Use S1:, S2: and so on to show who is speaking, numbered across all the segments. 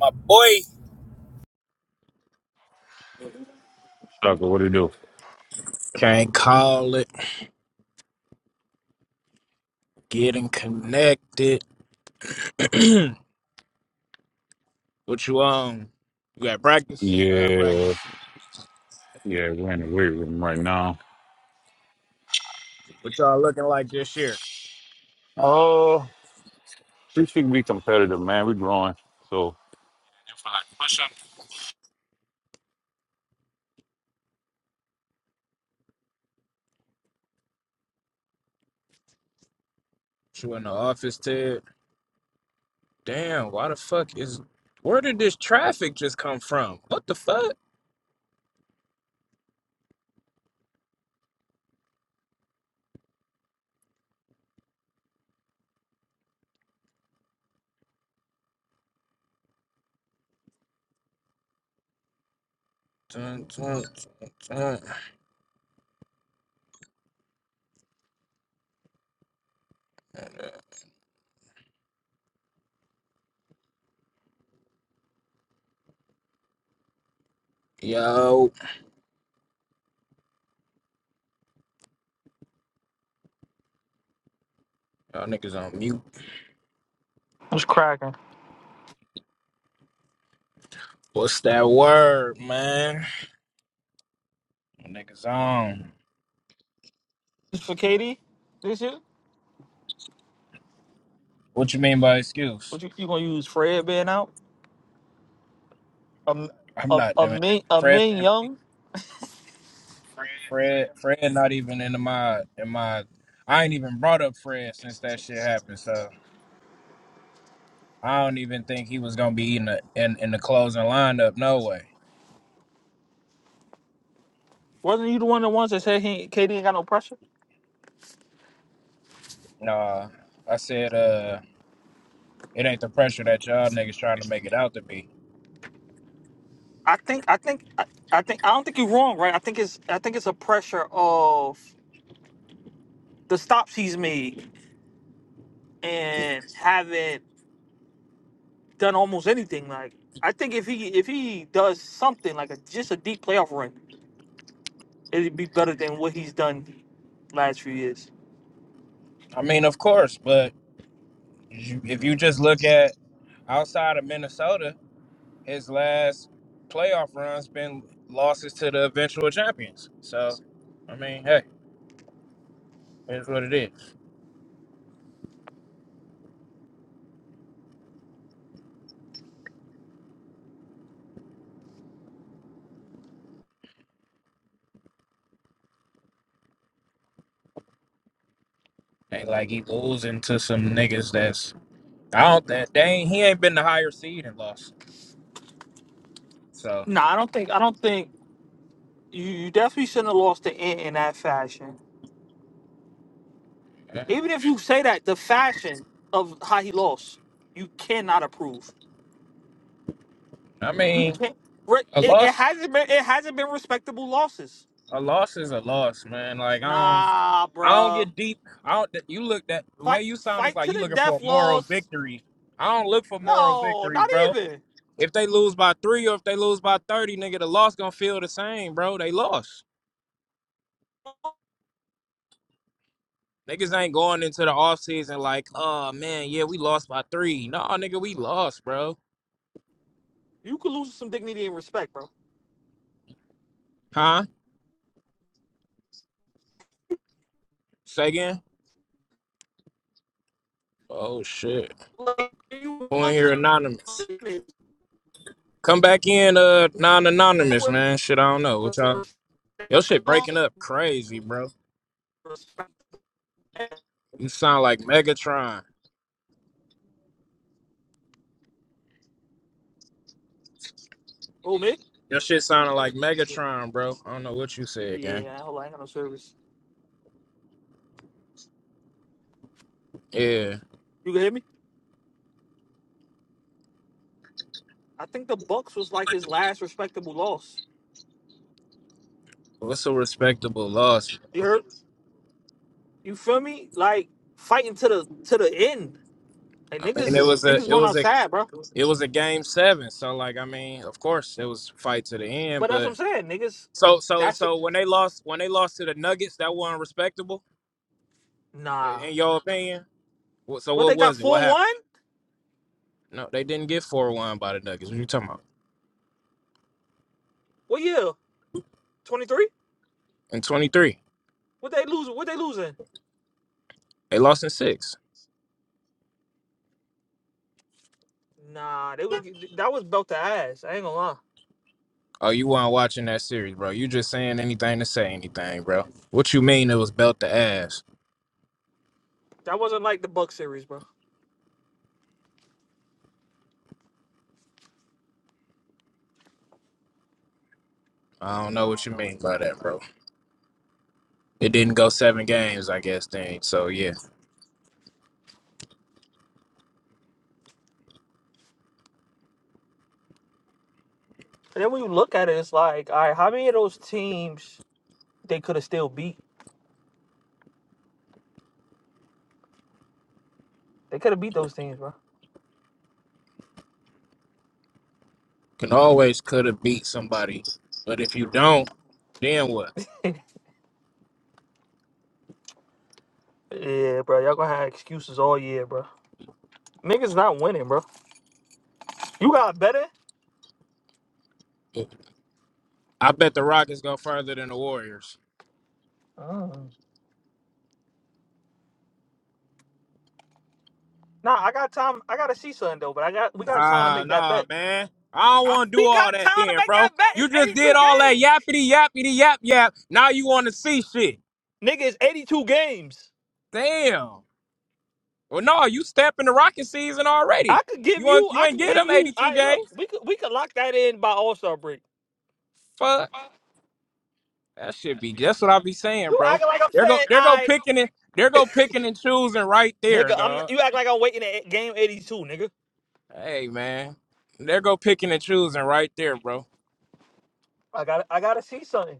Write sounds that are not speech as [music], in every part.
S1: My boy.
S2: Tucker, what do you do?
S1: Can't call it. Getting connected. [clears throat] what you on? You got practice? I got
S2: Yeah,
S1: practice.
S2: yeah, we're in the weight room right now.
S1: What y'all looking like this year?
S2: Oh, we should be competitive, man. We're growing. So, If I push up-
S1: You in the office, Ted? Damn, why the fuck is. Where did this traffic just come from? What the fuck? Dun, dun, dun, dun. Yo, y'all niggas on mute.
S3: What's cracking?
S1: What's that word, man? Y'all Niggas on.
S3: This for Katie this year?
S1: What you mean by excuse?
S3: What you, you gonna use Fred being out? Um,
S1: I'm
S3: a
S1: not
S3: a
S1: doing.
S3: Min a
S1: Fred,
S3: Min
S1: Van
S3: Young?
S1: Fred, Fred, not even in my in my. I ain't even brought up Fred since that shit happened. So I don't even think he was gonna be in the in, in the closing lineup. No way.
S3: Wasn't you the one that once that said he Katie ain't got no pressure?
S1: Nah, I said uh, it ain't the pressure that y'all niggas trying to make it out to be.
S3: I think I think I, I think I don't think you're wrong, right? I think it's I think it's a pressure of the stops he's made and haven't done almost anything. Like I think if he if he does something like a, just a deep playoff run, it'd be better than what he's done last few years.
S1: I mean, of course, but you, if you just look at outside of Minnesota, his last playoff runs been losses to the eventual champions. So I mean, hey, it's what it is. Ain't like he losing to some niggas that's I don't think they ain't, he ain't been the higher seed and lost. So
S3: No, I don't think. I don't think. You, you definitely shouldn't have lost the end in that fashion.
S1: eh,
S3: Even if you say that, the fashion of how he lost, you cannot approve.
S1: I
S3: You
S1: mean,
S3: can't. re-
S1: a
S3: It, it
S1: loss
S3: hasn't been. It hasn't been respectable losses.
S1: a loss is a loss, man. Like I don't
S3: Nah,
S1: I don't
S3: bruh.
S1: get deep. I don't you look that the way
S3: Fight,
S1: you sound is
S3: fight
S1: like
S3: to
S1: you
S3: the
S1: looking
S3: death
S1: for a moral
S3: loss.
S1: victory. I don't look for moral
S3: No,
S1: victories,
S3: not
S1: bro.
S3: even.
S1: If they lose by three or if they lose by thirty, nigga, the loss gonna feel the same, bro. They lost. Niggas ain't going into the off season like, oh man, yeah, we lost by three. No, nigga, we lost, bro.
S3: You could lose some dignity and respect, bro.
S1: Huh? Say again? Oh shit.
S3: Like you
S1: Who in
S3: lost some
S1: here anonymous?
S3: dignity.
S1: Come back in, uh,
S3: That
S1: non-anonymous,
S3: was
S1: man. Shit, I don't know. What y'all?
S3: respect.
S1: Your
S3: You
S1: shit
S3: lost
S1: breaking up
S3: some
S1: crazy, bro.
S3: respect.
S1: You sound like Megatron.
S3: Oh, Mick.
S1: Your shit sounded like Megatron, bro. I don't know what you said, gang.
S3: Yeah, hold on. I ain't got no service.
S1: Yeah,
S3: You can hear me? I think the Bucks was like his last respectable loss.
S1: what's a respectable loss?
S3: You heard? You feel me? Like fighting to the to the end. Like
S1: I
S3: niggas
S1: mean, it
S3: is
S1: was a,
S3: niggas
S1: it
S3: going
S1: was a,
S3: outside, bro.
S1: it was a game seven. So, like, I mean, of course, it was fight to the end.
S3: But that's what
S1: But
S3: I'm saying, niggas.
S1: so, so,
S3: That's
S1: so when they lost, when they lost to the Nuggets, that wasn't respectable, i-
S3: nah.
S1: in your opinion. Wh- So,
S3: What
S1: what
S3: they got
S1: was it? What
S3: four
S1: happened?
S3: one?
S1: No, they didn't get four-one by the Nuggets. What you talking about?
S3: What year? Twenty three?
S1: In twenty-three.
S3: What they losing? What they losing?
S1: They lost in six.
S3: Nah, they was that was belt to ass. I ain't gonna lie.
S1: Oh, you weren't watching that series, bro. You just saying anything to say anything, bro. What you mean it was belt to ass?
S3: That wasn't like the Buck series, bro.
S1: I don't know what you mean by that, bro. It didn't go seven games, I guess, then. So yeah.
S3: And then when you look at it, it's like, all right, how many of those teams they could have still beat? They could have beat those teams, bro.
S1: Can always could have beat somebody. But if you don't, then what?
S3: [laughs] yeah, bro. Y'all gonna have excuses all year, bro. Niggas not winning, bro. You got betting?
S1: I bet the Rockets go further than the Warriors.
S3: Oh. Nah, I got time. I gotta see something though, but I got we got time to
S1: Nah,
S3: make that
S1: nah,
S3: bet.
S1: man. I don't want to do
S3: We
S1: all
S3: got
S1: that
S3: time to
S1: then,
S3: make that
S1: bro.
S3: bet.
S1: You
S3: It's
S1: just
S3: 82
S1: did all that
S3: games.
S1: yappity yappity yap yap. Now you want to see shit.
S3: Nigga, it's 82 games.
S1: Damn. Well, no, you stepping the rocket season
S3: I
S1: already.
S3: could give
S1: You
S3: you,
S1: want, you
S3: I
S1: ain't
S3: could
S1: get
S3: give
S1: them
S3: you,
S1: 82
S3: I look,
S1: games.
S3: we could we could lock that in by All-Star break.
S1: Fuck. That should be that's what I be saying,
S3: You
S1: bro.
S3: acting like I'm
S1: They're go
S3: saying,
S1: they're go
S3: I
S1: picking it, they're go picking and choosing right
S3: nigga,
S1: there,
S3: I'm
S1: dog.
S3: you act like I'm waiting at game 82, nigga.
S1: Hey man. They're go picking and choosing right there, bro.
S3: I gotta I gotta see something.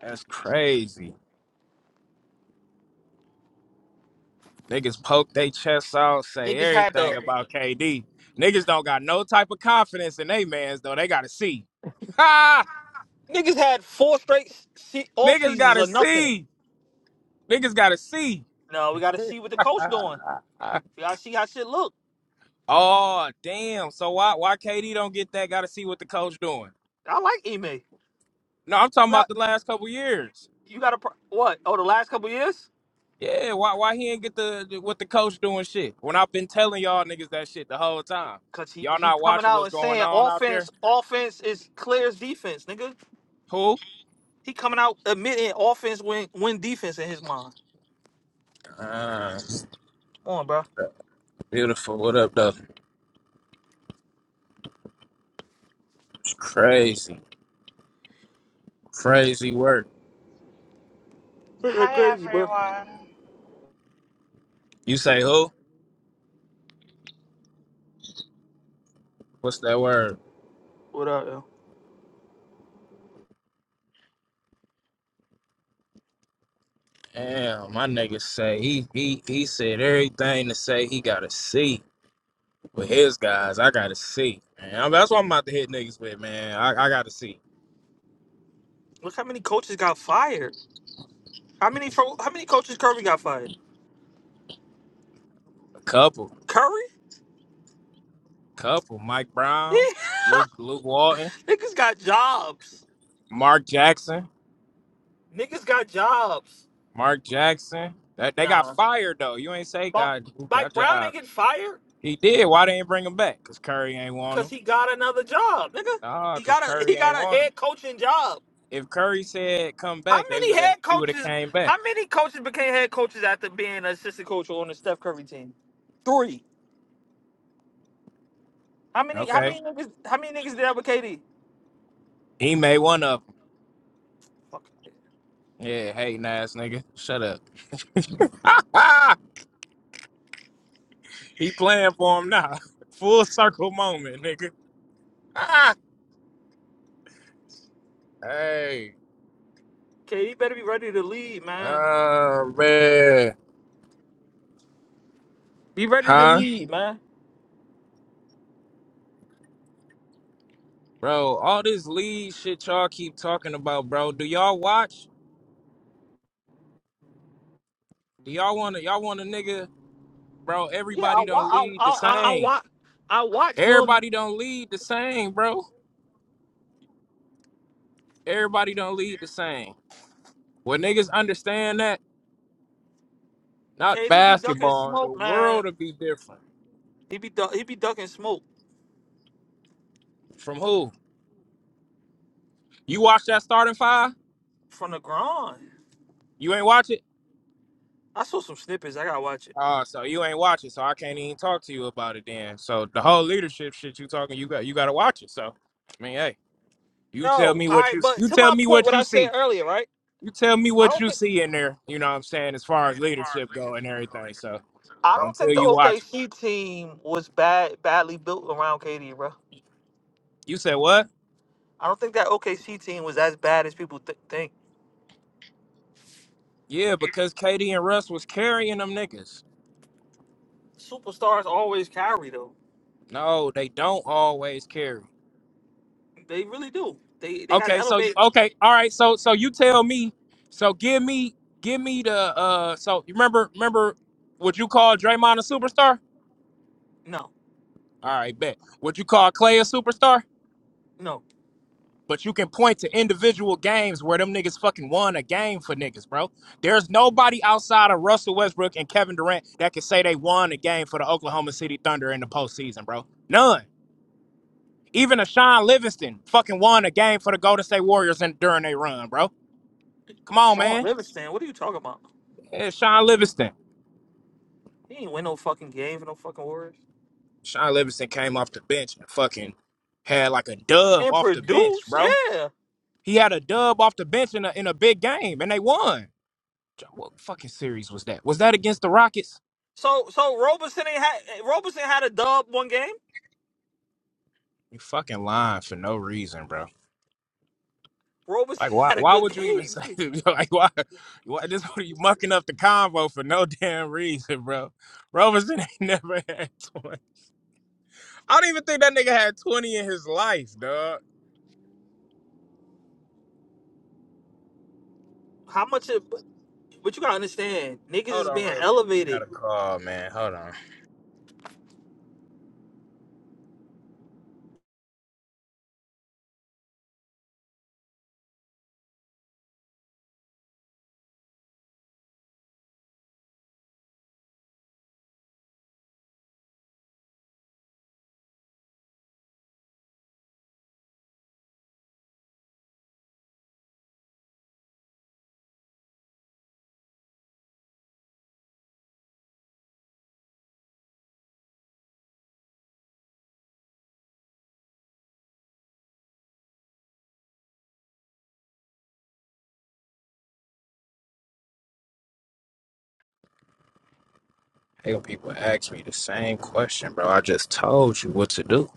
S1: That's crazy. Niggas poke their chests out, say
S3: Niggas had the
S1: everything about KD. Niggas don't got no type of confidence in they mans though. They gotta see. [laughs] Ha!
S3: niggas had four straight se- off
S1: Niggas
S3: seasons
S1: gotta
S3: or nothing.
S1: see. Niggas gotta see.
S3: No, we gotta see what the coach doing. We gotta see how shit look.
S1: Oh damn! So why why KD don't get that? Got to see what the coach doing.
S3: I like Ime.
S1: No, I'm
S3: You
S1: talking about
S3: got
S1: the last couple years.
S3: you got a pro- what? Oh, the last couple years,
S1: Yeah, why why he ain't get the the- what the coach doing shit? When I've been telling y'all niggas that shit the whole time.
S3: cause he
S1: Y'all
S3: he
S1: not
S3: coming
S1: watching
S3: out
S1: what's
S3: and
S1: going
S3: saying
S1: on out there?
S3: offense, offense is clear as defense, nigga.
S1: Who?
S3: He coming out admitting offense win win defense in his mind.
S1: Ah,
S3: Come on, bro.
S1: beautiful. What up, though? It's Crazy, crazy work.
S3: Ain't That
S4: Hi
S3: crazy, bro.
S4: everyone.
S1: You say who? What's that word?
S3: What up, yo?
S1: Damn, my nigga say he he he said everything to say he gotta see. with his guys, I gotta see. Man, I- that's what I'm about to hit niggas with, man. I, I gotta see
S3: Look how many coaches got fired. How many fro- how many coaches Curry got fired?
S1: a couple,
S3: Curry? [laughs]
S1: couple. Mike Brown,
S3: Yeah,
S1: Luke, Luke Walton,
S3: niggas got jobs.
S1: Mark Jackson,
S3: Niggas got jobs.
S1: Mark Jackson. That they got
S3: Nah,
S1: fired though. You ain't say
S3: Bo-
S1: God who
S3: Mike
S1: got
S3: Brown ain't
S1: job.
S3: getting fired.
S1: He did. Why they ain't bring him back? Cause Curry ain't want
S3: Cause
S1: him.
S3: he got another job, nigga.
S1: Ah,
S3: He
S1: cause
S3: got a
S1: Curry
S3: he
S1: ain't
S3: got a
S1: want him.
S3: head coaching job.
S1: If Curry said come
S3: How
S1: back, they
S3: many
S1: would have.
S3: head
S1: He would have
S3: coaches?
S1: came back.
S3: How many coaches became head coaches after being an assistant coach on the Steph Curry team? Three. How many? How
S1: Okay.
S3: many niggas? How many niggas did that with KD?
S1: He made one of
S3: Fuck.
S1: them. Yeah. Hey, ass nigga. Shut up. [laughs] He playing for him now. [laughs] Full circle moment, nigga. Ah, hey.
S3: KD better be ready to lead, man.
S1: Oh man.
S3: Be ready to
S1: Huh?
S3: lead, man.
S1: Bro, all this lead shit y'all keep talking about, bro. Do y'all watch? Do y'all wanna y'all want a nigga? Bro,
S3: Yeah, I
S1: everybody
S3: wa
S1: don't
S3: I
S1: lead the
S3: I I, I
S1: same.
S3: watch I watch him.
S1: Everybody don't lead the same, bro. Everybody don't lead the same. When niggas understand that, not
S3: KD be ducking
S1: basketball, the
S3: smoke, man.
S1: world will be different.
S3: He be duck, he be ducking smoke
S1: From who? You watch that starting five?
S3: from the ground.
S1: You ain't watch it?
S3: I saw some snippets. I gotta watch it.
S1: Oh, so you ain't watching, so I can't even talk to you about it then. So the whole leadership shit you talking, you got you gotta watch it. So I mean, hey, you
S3: Yo,
S1: tell
S3: all
S1: me what
S3: right,
S1: you
S3: but
S1: you
S3: to
S1: tell
S3: my
S1: me
S3: point,
S1: what
S3: what
S1: you
S3: I said
S1: see.
S3: earlier, right?
S1: You tell me
S3: I
S1: what
S3: don't
S1: you
S3: think
S1: see in there, you know what I'm saying, as far as leadership go and everything. So
S3: I don't
S1: until
S3: think the
S1: you watch it.
S3: team was bad, badly built around KD, bro.
S1: You said what?
S3: I don't think that OKC team was as bad as people th- think.
S1: Yeah, because Katie and Russ was carrying them niggas.
S3: Superstars always carry though;
S1: No, they don't always carry.
S3: they really do. They they got to
S1: Okay, so
S3: elevate.
S1: okay, all right. So so you tell me. So give me give me the uh. So you remember remember would you call Draymond a superstar?
S3: No,
S1: All right, bet. Would you call Clay a superstar?
S3: no,
S1: But you can point to individual games where them niggas fucking won a game for niggas, bro. There's nobody outside of Russell Westbrook and Kevin Durant that can say they won a game for the Oklahoma City Thunder in the postseason, bro. None. Even a Sean Livingston fucking won a game for the Golden State Warriors in, during their run, bro. Come on,
S3: Sean
S1: man.
S3: Livingston, what are you talking about?
S1: It's Sean Livingston.
S3: He ain't win no fucking game for no fucking Warriors
S1: Sean Livingston came off the bench and fucking had like a dub
S3: and
S1: off the bench,
S3: produce,
S1: bro.
S3: yeah.
S1: He had a dub off the bench in a in a big game and they won. J- What fucking series was that? Was that against the Rockets?
S3: So so Roberson ain't had Roberson had a dub one game.
S1: You fucking lying for no reason, bro.
S3: Roberson
S1: Like
S3: [laughs]
S1: why
S3: had a
S1: why
S3: good
S1: would you even [laughs]
S3: game.
S1: say that? like why why this [laughs] you mucking up the convo for no damn reason, bro? Roberson ain't [laughs] never had 20. I don't even think that nigga had 20 in his life, dog.
S3: How much? It, But you gotta understand, niggas
S1: Hold
S3: is
S1: on
S3: being
S1: real quick. I got
S3: elevated.
S1: a call, man. Hold on. Hell, people ask me the same question, bro. I just told you what to do.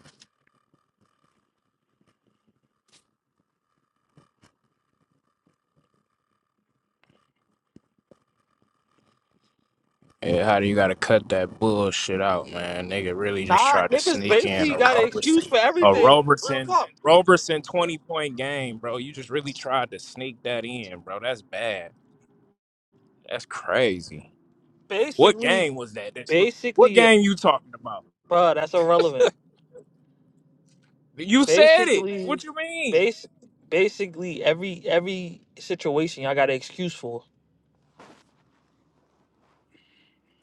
S1: Yeah, how do you gotta cut that bullshit out, man? Nigga really just
S3: Nah,
S1: tried to
S3: niggas
S1: sneak in
S3: basically
S1: a
S3: got an excuse
S1: Robertson,
S3: for
S1: a
S3: everything. Real
S1: Robertson,
S3: talk.
S1: Robertson twenty point game, bro. You just really tried to sneak that in, bro. That's bad. That's crazy. What
S3: Basically,
S1: game was that? That you? What
S3: basically, yeah.
S1: game you talking about?
S3: bruh, that's irrelevant.
S1: You said it.
S3: Basically,
S1: What you mean?
S3: base, basically every every situation y'all got an excuse for.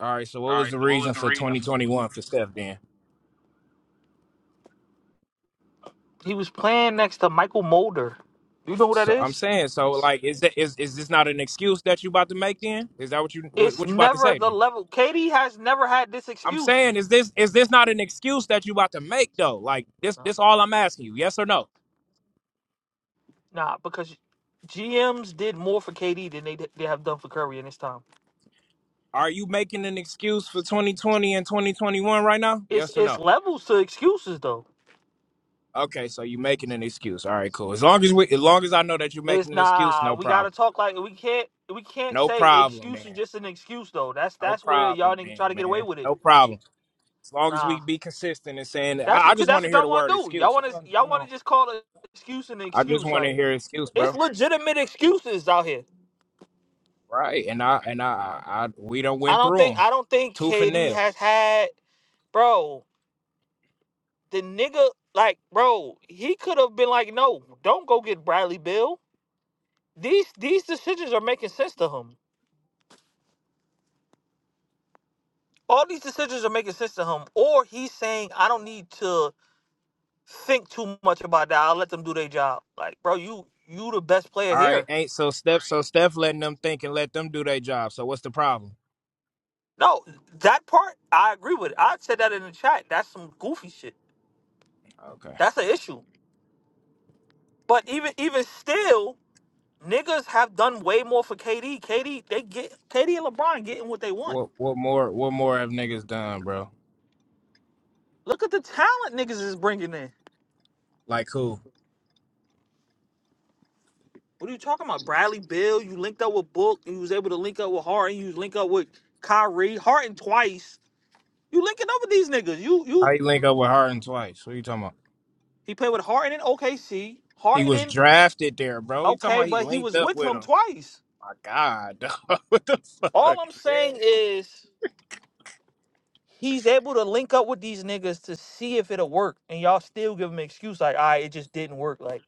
S1: All right. So what was the reason for twenty twenty one for Steph then?
S3: He was playing next to Michael Mulder. You know who that
S1: So I'm
S3: is?
S1: saying, so like, is that is is this not an excuse that you about to make? Then is that what you what,
S3: It's
S1: what you about to
S3: never
S1: say?
S3: the
S1: Then
S3: level. Katie has never had this
S1: I'm
S3: excuse.
S1: saying, is this is this not an excuse that you about to make though? Like this
S3: Nah,
S1: this all I'm asking you, yes or no?
S3: nah, because GMs did more for KD than they they have done for Curry in this time.
S1: Are you making an excuse for 2020 and 2021 right now?
S3: it's
S1: Yes or
S3: it's
S1: no?
S3: levels to excuses though.
S1: Okay, so you making an excuse. All right, cool. As long as we, as long as I know that you're making
S3: It's
S1: an excuse,
S3: nah,
S1: no
S3: we gotta
S1: problem.
S3: talk like we can't we can't
S1: No
S3: say
S1: problem,
S3: excuse is
S1: then.
S3: just an excuse though. That's
S1: No
S3: that's where y'all
S1: problem,
S3: niggas
S1: then,
S3: try to get away
S1: man.
S3: with it.
S1: No problem. As long as
S3: Nah,
S1: we be consistent in saying that,
S3: that's
S1: I, I
S3: 'cause
S1: just
S3: that's
S1: want to
S3: what
S1: hear
S3: y'all
S1: the
S3: want to
S1: word
S3: do. Y'all
S1: excuse.
S3: want
S1: I
S3: to
S1: don't, I
S3: y'all
S1: don't.
S3: want to just call an excuse an
S1: I just
S3: excuse.
S1: want to
S3: Like
S1: hear excuse,
S3: it's
S1: bro.
S3: legitimate excuses out here.
S1: Right, and I and I, I we don't
S3: I
S1: went
S3: don't
S1: through
S3: think
S1: them,
S3: I don't think
S1: tooth and
S3: KD
S1: nail.
S3: has had bro the nigga like bro he could have been like no don't go get Bradley Bill. These these decisions are making sense to him. all these decisions are making sense to him, or he's saying, "I don't need to think too much about that. I'll let them do their job." Like, bro, you you the best player
S1: All right,
S3: here.
S1: ain't so Steph. So Steph letting them think and let them do their job. So what's the problem?
S3: No, that part I agree with. I said that in the chat. That's some goofy shit.
S1: Okay.
S3: That's an issue. But even even still, niggas have done way more for KD. KD they get KD and LeBron getting what they want.
S1: What what more what more have niggas done, bro?
S3: Look at the talent niggas is bringing in.
S1: Like who?
S3: What are you talking about? Bradley Beal? you linked up with Book. You was able to link up with Harden. You was linked up with Kyrie. Harden twice. You linking up with these niggas. You
S1: How
S3: you
S1: you link up with Harden twice? What you talking about?
S3: he played with Harden in OKC.
S1: He
S3: Harden
S1: was
S3: in
S1: drafted there, bro. You talking
S3: okay,
S1: about he
S3: but he
S1: linked
S3: was
S1: up
S3: with
S1: with
S3: him
S1: him?
S3: twice.
S1: My God, [laughs] dog. what the fuck,
S3: All I'm
S1: man?
S3: saying is he's able to link up with these niggas to see if it'll work, and y'all still give him an excuse like, "I it just didn't work." Like,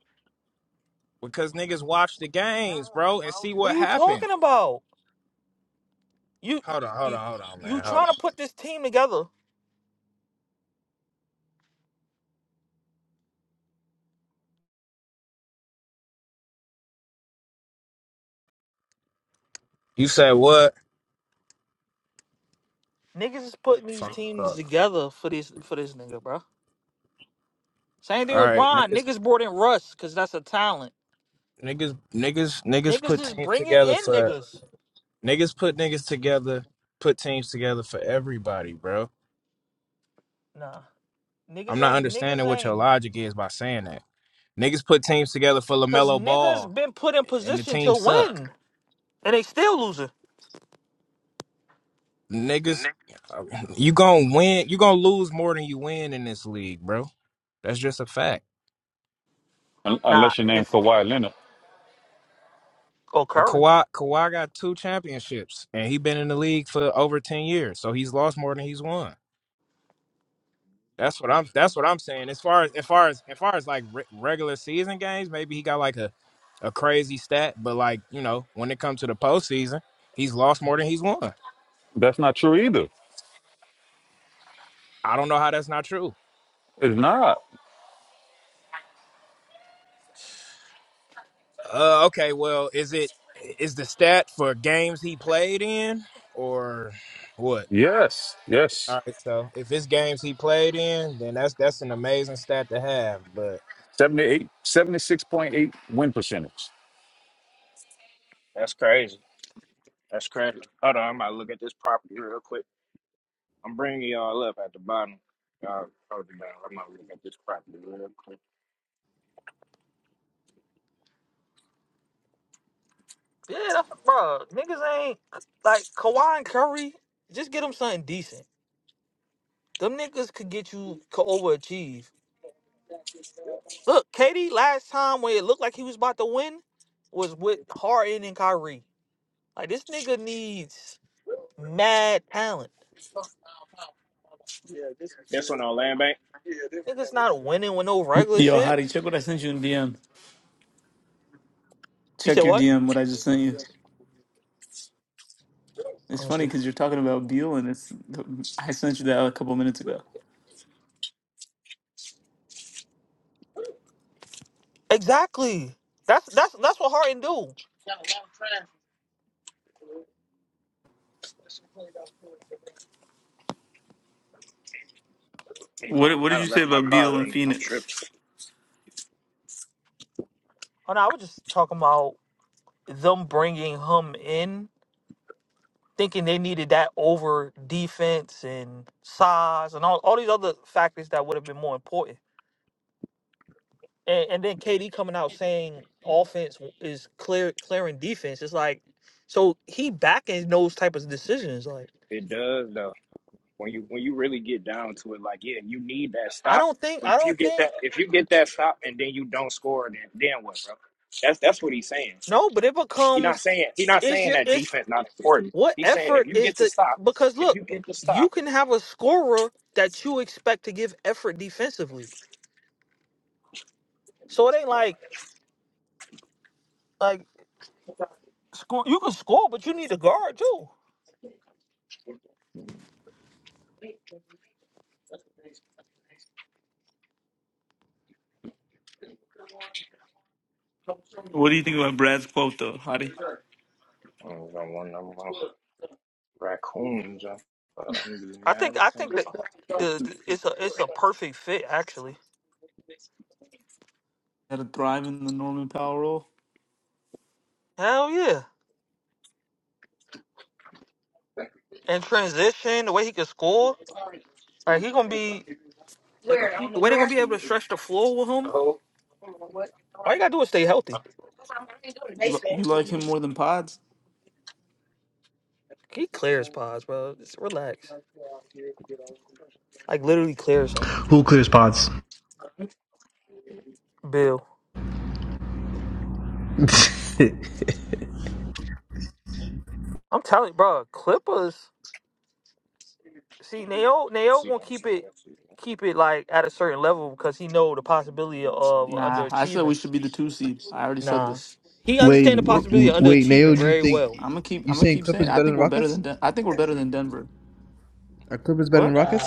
S1: Because niggas watch the games, bro, and see what happened.
S3: talking about you
S1: Hold on, hold on, hold on,
S3: you
S1: man, hold
S3: trying to
S1: on.
S3: put this team together.
S1: You said what?
S3: Niggas is putting these
S1: Fuck.
S3: teams
S1: hold
S3: together for this for this nigga, bro. Same
S1: on.
S3: thing
S1: All
S3: with
S1: right,
S3: Bron.
S1: niggas,
S3: Niggas brought in Russ because that's a talent.
S1: niggas, niggas, niggas
S3: Niggas
S1: put
S3: is
S1: teams
S3: bringing
S1: together
S3: in
S1: for
S3: niggas.
S1: niggas put niggas together, put teams together for everybody, bro.
S3: Nah, niggas
S1: I'm not
S3: ain't niggas
S1: understanding what your
S3: ain't.
S1: logic is by saying that. Niggas put teams together for
S3: Cause
S1: LaMelo
S3: niggas
S1: Ball
S3: been put in
S1: and the
S3: position
S1: team
S3: to
S1: suck.
S3: win and they still losing.
S1: Niggas, uh, you gonna win, you gonna lose more than you win in this league, bro. That's just a fact.
S2: Un-
S3: Nah,
S2: unless your name
S3: if
S2: Kawhi Leonard,
S3: oh
S1: Uh,
S3: Curry,
S1: Kawhi, Kawhi got two championships and he been in the league for over 10 years. So he's lost more than he's won. That's what I'm that's what I'm saying. As far as as far as as far as like re- regular season games, maybe he got like a a crazy stat, but like, you know, when it comes to the postseason, he's lost more than he's won.
S2: that's not true either.
S1: I don't know how that's not true.
S2: It's not.
S1: Uh, okay, well, is it is the stat for games he played in or what?
S2: Yes, yes.
S1: All right, so if it's games he played in, then that's that's an amazing stat to have. But
S2: Seventy-eight, seventy-six point eight win percentage.
S1: That's crazy. That's crazy. Hold on, I'm about to look at this property real quick. I'm bringing y'all up at the bottom. Y'all hold it down. I'm about to look at this property real quick.
S3: yeah, that's, bro, niggas ain't like Kawhi and Curry. Just get them something decent. Them niggas could get you to overachieve. Look, Katie, last time when it looked like he was about to win was with Harden and Kyrie. Like this nigga needs mad talent. Niggas not winning with no regular
S5: Yo,
S3: shit.
S5: Hadi, check what I sent you in DM.
S3: You
S5: Check
S3: said
S5: your
S3: what?
S5: DM, what I just sent you. It's
S3: Let me
S5: funny
S3: see.
S5: because you're talking about Beal, and it's I sent you that a couple minutes ago.
S3: Exactly. That's that's that's what Harden do.
S5: What What did
S1: I
S5: you
S1: done
S5: say
S1: left my
S5: about
S1: car
S5: Beal and
S1: running. I'm
S5: Phoenix?
S1: tripping.
S3: Oh no, I was just talking about them bringing him in, thinking they needed that over defense and size and all, all these other factors that would have been more important. And, and then KD coming out saying offense is clear clearing defense. It's like so he backing those type of decisions. Like
S1: It does though. when you when you really get down to it, like yeah, you need that
S3: I
S1: stop.
S3: don't think
S1: But
S3: I
S1: if you
S3: don't
S1: get
S3: think
S1: that if you get that stop and then you don't score, then then what, bro? That's that's what he's saying.
S3: no, but it
S1: He's not
S3: becomes
S1: saying he's not
S3: it's
S1: saying
S3: your
S1: that
S3: it's
S1: defense not important.
S3: what
S1: He's saying if
S3: effort
S1: you
S3: is
S1: get the
S3: the
S1: stop,
S3: because
S1: if
S3: look
S1: you get the stop,
S3: you can have a scorer that you expect to give effort defensively So it ain't like like score. You can score, but you need to guard too.
S5: What do you think about Brad's quote though, Hadi?
S1: I'm gonna one number one, uh,
S3: I think I think that the, the it's a it's a perfect fit actually.
S5: Had to thrive in the Norman Powell role.
S3: Hell yeah! And transition the way he can score, like he gonna be they gon- the way they're gonna be able to stretch the floor with him. All you gotta do is stay healthy.
S5: You li- you like him more than Pods?
S3: He clears pods, bro. Just relax. Like literally clears him.
S6: Who clears pods?
S3: Bill, I'm telling you, bro. Clippers. See, Nail Nail gonna keep it keep it like at a certain level because he know the possibility of
S5: Nah, I said
S3: underachieving.
S5: we should be the two seed. I already said
S3: Nah,
S5: this.
S3: he understand the
S5: We're
S6: Wait,
S3: possibility of
S6: wait,
S3: underachieving
S6: Nayo, do you
S3: very well.
S6: think
S5: I'm gonna keep
S6: you
S5: I'm gonna
S6: saying
S5: keep saying
S6: Clippers
S5: it. I
S6: better
S5: think
S6: than
S5: we're better
S6: Rockets?
S5: than Den- I think we're better than Denver.
S6: Are Clippers better than
S5: What?
S6: Rockets?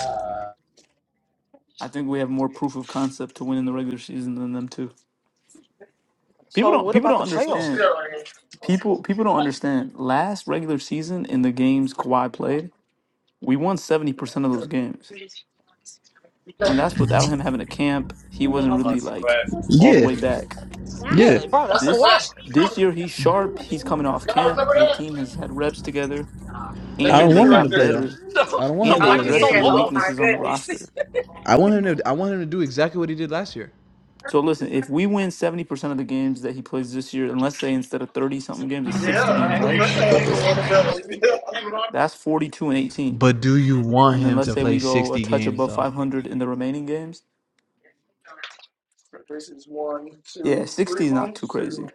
S5: I think we have more proof of concept to win in the regular season than them too. People
S3: So
S5: don't
S3: what
S5: people
S3: about
S5: don't
S3: the
S5: understand
S3: playoffs?
S5: People people don't understand. Last regular season in the games Kawhi played, we won seventy percent of those games, and that's without him having a camp. He wasn't really like all the
S6: Yeah.
S5: way back.
S6: Yeah.
S3: Yeah, bro, that's
S5: This
S3: Kawhi. [laughs]
S5: this year he's sharp. He's coming off camp. The team has had reps together,
S6: I
S5: and
S6: don't
S5: they
S6: want him to
S5: got
S6: play though.
S5: better,
S3: So,
S6: I don't want
S3: so
S6: him
S5: and
S6: to
S5: they
S3: why
S6: play
S3: you
S5: addressed
S6: regular
S3: so
S5: some of the
S6: season.
S3: low on him?
S5: weaknesses on the roster.
S6: I want him to. I want him to do exactly what he did last year.
S5: So listen, if we win seventy percent of the games that he plays this year, and let's say instead of thirty something games, it's sixty games, right? That's forty two and eighteen
S6: But do you want
S5: and then
S6: him
S5: let's
S6: to
S5: say we
S6: play
S5: go a
S6: sixty
S5: touch
S6: games
S5: above
S6: though?
S5: 500 in the remaining games Yeah, 60 is not too crazy.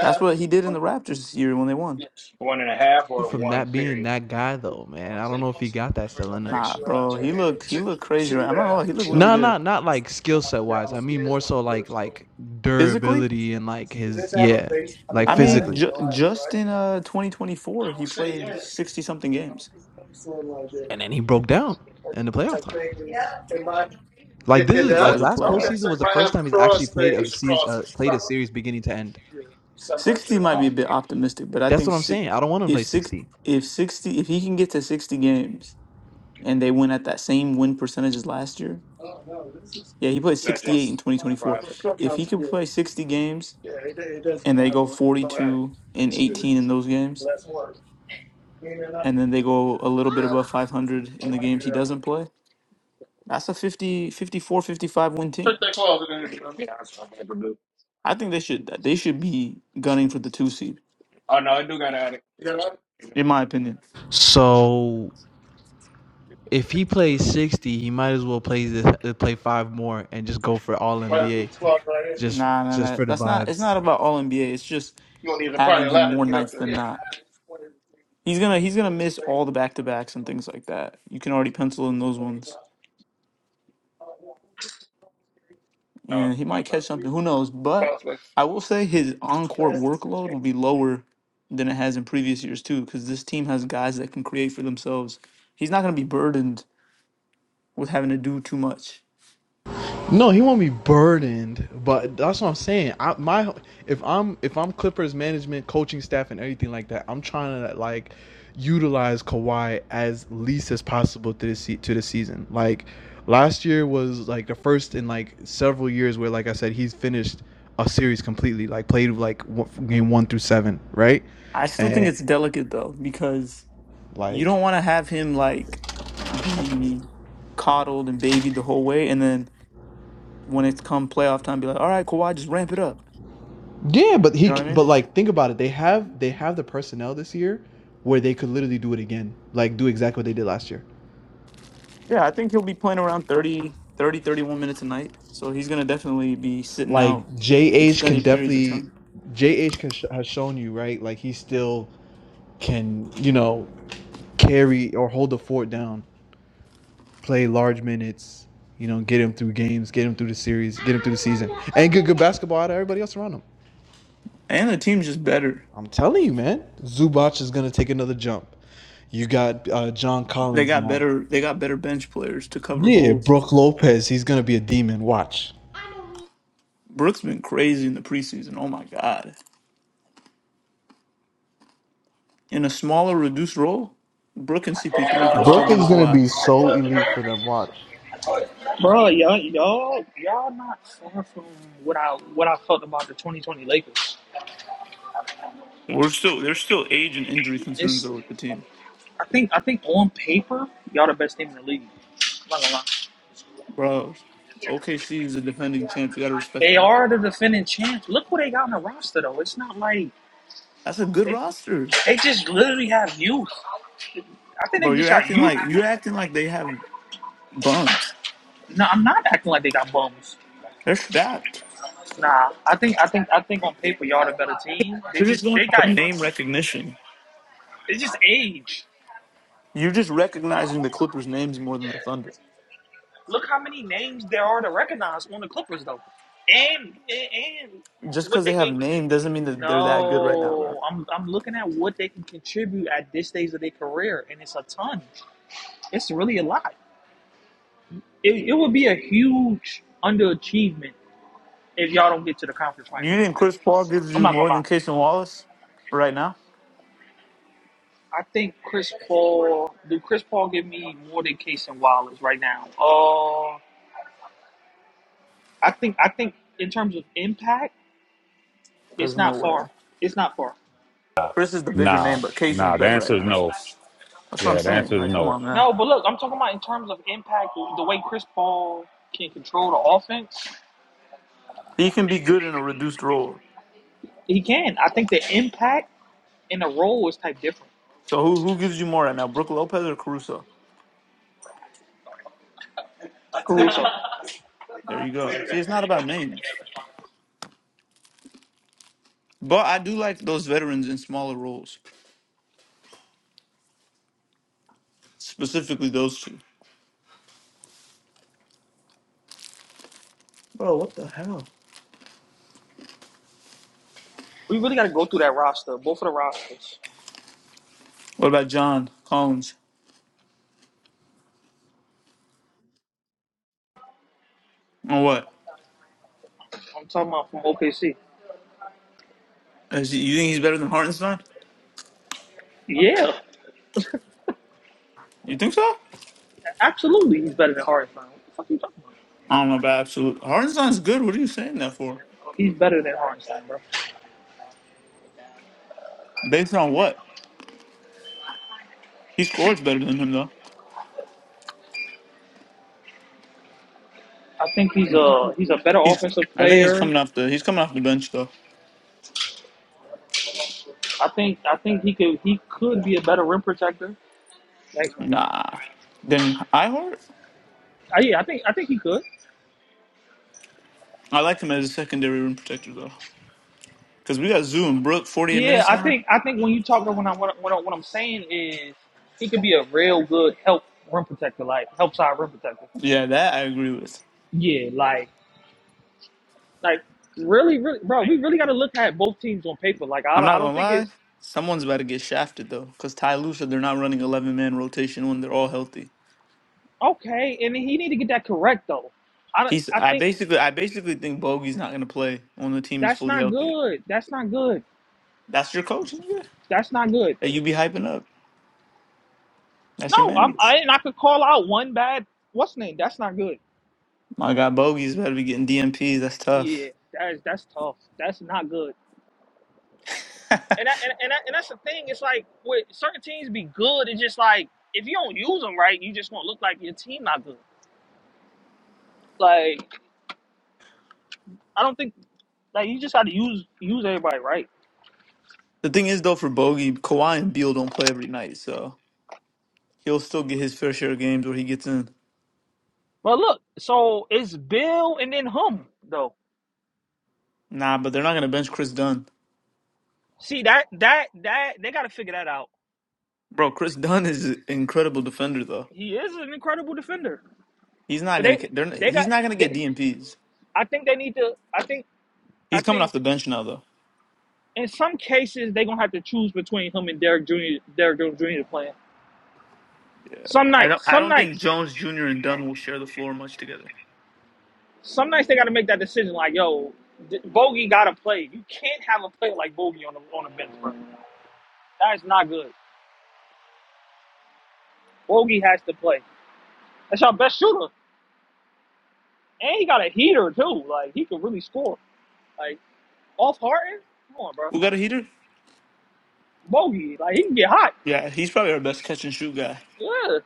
S5: That's what he did in the Raptors this year when they won.
S1: one and a half or
S6: From
S1: one
S6: that being
S1: period.
S6: that guy though, man, I don't know if he got that still in him.
S5: Nah, bro, he looked he looked crazy. Right, I'm not gonna lie, he looked really
S6: No,
S5: good
S6: no, not like skill set wise. I mean more so like like
S5: physically.
S6: durability and like his yeah, like
S5: I mean,
S6: physically.
S5: ju- just in uh 2024, he played 60 something games.
S6: and then he broke down in the playoff time. Like this
S5: Yeah,
S6: is
S5: before
S6: like
S5: the
S6: last
S5: playoff,
S6: postseason was the first time he's actually played a series, uh, played a series beginning to end.
S5: 60 might be a bit optimistic, but I
S6: That's
S5: think
S6: what I'm
S5: six,
S6: saying. I don't want him to
S5: if
S6: play
S5: six
S6: 60.
S5: if 60 if he can get to 60 games and they win at that same win percentage as last year. Yeah, he played 68 in
S1: That's right.
S5: 2024. If he could play 60 games and they go 42 and 18 in those games and then they go a little bit above 500 in the games he doesn't play that's a 50 54 55 win team i think they should they should be gunning for the two seed
S1: Oh, no,
S5: in my opinion
S6: So if he plays 60, he might as well play this, play five more and just go for all
S1: Right. You
S6: NBA. Just
S5: nah nah
S6: just
S5: nah
S6: for the
S5: that's
S6: vibe.
S5: not it's not about all nba it's just
S1: don't need to find
S5: having him
S1: ladder to
S5: more
S1: get up
S5: nights
S1: there.
S5: than not he's gonna he's gonna miss all the back-to-backs and things like that you can already pencil in those ones
S1: no,
S5: and he might
S1: okay.
S5: catch something. Who knows? But I will say his on-court workload will be lower than it has in previous years too, because this team has guys that can create for themselves. He's not going to be burdened with having to do too much.
S6: No, he won't be burdened, but that's what I'm saying. I, my if I'm if I'm Clippers management, coaching staff, and everything like that, I'm trying to like utilize Kawhi as least as possible to the to the season. Like last year was like the first in like several years where, like I said, he's finished a series completely, like played like game one through seven, right?
S5: I still think
S6: And
S5: it's delicate though, because you
S6: like
S5: don't want to have him like be coddled and babied the whole way, and then when it's come playoff time, be like, "All right, Kawhi, just ramp it up."
S6: Yeah, but
S5: You
S6: he
S5: know what I mean?
S6: but like think about it. They have they have the personnel this year where they could literally do it again. Like do exactly what they did last year.
S5: Yeah, I think he'll be playing around 30, 30, 31 minutes a night. So he's going to definitely be sitting out
S6: Like JH can
S5: extended periods of
S6: definitely
S5: time.
S6: JH can sh- has shown you, right? Like he still can, you know, carry or hold the fort down, play large minutes, you know, get him through games, get him through the series, get him through the season, and get good basketball out of everybody else around him.
S5: And the team's just better.
S6: I'm telling you, man, Zubac is gonna take another jump. You got uh, John
S5: They
S6: Collins
S5: got
S6: now.
S5: better they got better bench players to cover
S6: Yeah,
S5: holes.
S6: Brooke Lopez, he's gonna be a demon. Watch.
S5: Brooks been crazy in the preseason. Oh my god. In a smaller reduced role, Brook and CP3 can still
S6: Brooke
S5: give
S6: is
S5: us a
S6: gonna
S5: lot.
S6: be so elite for them. Watch.
S3: Bro, y'all, y'all, y'all not far from what I what I felt about the 2020 Lakers.
S5: We're still there's still age and injury concerns
S3: It's
S5: though with the team.
S3: I think I think on paper y'all the best team in the league. I'm not gonna lie.
S5: Bro, OKC is the defending champs. You got to respect
S3: They
S5: them.
S3: are the defending champs. Look what they got in the roster though. It's not like
S5: That's a good
S3: they
S5: roster.
S3: they just literally have youth. I think they
S5: Bro, you're
S3: just got
S5: acting
S3: youth.
S5: like you're acting like they have bums.
S3: No, I'm not acting like they got bums.
S5: They're stacked.
S3: Nah, I think I think I think on paper y'all the better team. They
S5: You're just
S3: just
S5: going
S3: they
S5: off
S3: got
S5: of name recognition.
S3: they just age.
S5: You're just recognizing the Clippers' names more than the Thunder.
S3: Look how many names there are to recognize on the Clippers though, and and, and
S5: Just
S3: what
S5: because they
S3: they
S5: have
S3: can.
S5: name doesn't mean that they're that good right now, bro.
S3: No, I'm I'm looking at what they can contribute at this stage of their career, and it's a ton. It's really a lot. It, it would be a huge underachievement if y'all don't get to the conference finals,
S5: You
S3: bro.
S5: think Chris Paul gives
S3: I'm
S5: you
S3: not gonna
S5: more
S3: lie.
S5: than Casey Wallace right now?
S3: I think Chris Paul. Do Chris Paul give me more than Case and Wallace right now? Uh, I think I think in terms of impact, it's
S5: There's no
S3: not far.
S5: way.
S3: It's not far.
S5: Chris is the bigger
S2: Nah,
S5: name, but Casey's
S2: nah, the
S5: better right
S2: answer is
S5: now. So
S2: no.
S5: That's what I'm
S2: Yeah, the
S5: saying.
S2: answer is
S5: Like, come
S2: no.
S5: on, man.
S3: No, but look, I'm talking about in terms of impact, the way Chris Paul can control the offense.
S5: He can be good in a reduced role.
S3: He can. I think the impact and the role is type different.
S5: So who who gives you more right now, Brook Lopez or Caruso? There you go. See, it's not about names, but I do like those veterans in smaller roles, specifically those two. Bro, what the hell?
S3: We really got to go through that roster, both of the rosters.
S5: What about John Collins? On what?
S3: I'm talking about from OKC.
S5: Is he, you think he's better than Hartenstein?
S3: Yeah,
S5: You think so?
S3: absolutely. He's better than Hardenstein. What the fuck are you talking
S5: I don't know about absolute. Hartenstein's good. What are you saying that for?
S3: about? He's better than Hardenstein, bro.
S5: Based on what? He scores better than him though.
S3: I think he's a he's a better
S5: He's.
S3: offensive
S5: I think he's
S3: player.
S5: coming off the. He's coming off the bench though.
S3: I think I think he could he could be a better rim protector. Thanks, man.
S5: Nah. Then Ihart.
S3: Uh, yeah, I think I think he could.
S5: I like him as a secondary rim protector though, because we got Zoom Brook 48
S3: Yeah,
S5: minutes
S3: I
S5: now.
S3: think I think when you talk about when I what, I- what, I- what I'm saying is he could be a real good help rim protector, like help side rim protector.
S5: Yeah, that I agree with.
S3: Yeah, like like really, really, bro. We really got to look at both teams on paper. Like I
S5: I'm
S3: don't- I
S5: not
S3: don't
S5: gonna
S3: think
S5: lie.
S3: it's
S5: Someone's about to get shafted though, because Ty Lue said they're not running 11 man rotation when they're all healthy.
S3: okay, and he need to get that correct though. I don't-
S5: He's
S3: I
S5: I
S3: think
S5: basically I basically think Bogey's not gonna play when the team is
S3: that's
S5: fully
S3: not
S5: healthy.
S3: good. That's not good.
S5: That's your coach, nigga.
S3: That's not good.
S5: That you be hyping up. That's your
S3: No, I'm
S5: man.
S3: I and I could call out one bad. What's his name? That's not good.
S5: My God, Bogey's better be getting DMPs. That's
S3: Yeah,
S5: tough.
S3: that's that's tough. That's not good. And that, and, and, that, and that's the thing. It's like with certain teams be good. It's just like if you don't use them right, you just gonna look like your team not good. Like I don't think like you just got to use use everybody right.
S5: The thing is though, for Bogey, Kawhi and Beal don't play every night, so he'll still get his fair share of games where he gets in.
S3: But look, so it's Bill and then him though.
S5: Nah, but they're not gonna bench Chris Dunn,
S3: See that that that they got to figure that out.
S5: bro. Chris Dunn is an incredible defender though.
S3: He is an incredible defender,
S5: He's not
S3: but
S5: gonna
S3: they
S5: get- they're,
S3: they
S5: he's
S3: got.
S5: not gonna get
S3: They,
S5: DMPs.
S3: I think they need to. I think I
S5: He's coming
S3: think
S5: off the bench now though.
S3: in some cases they gonna have to choose between him and Derek Jr. Derek Jones Jr. to play. Some
S5: I don't
S3: nights,
S5: I
S3: some
S5: don't think
S3: nights.
S5: Jones Jr. and Dunn will share the floor much together.
S3: some nights they got to make that decision. Like, yo, D- Bogey got to play. You can't have a player like Bogey on the on the bench, bro. That is not good. Bogey has to play. That's our best shooter, and he got a heater too. Like, he can really score. Like off Harden, come on, bro.
S5: Who got a heater?
S3: Bogey, like he can get hot.
S5: Yeah, he's probably our best catch and shoot guy.
S3: Yeah,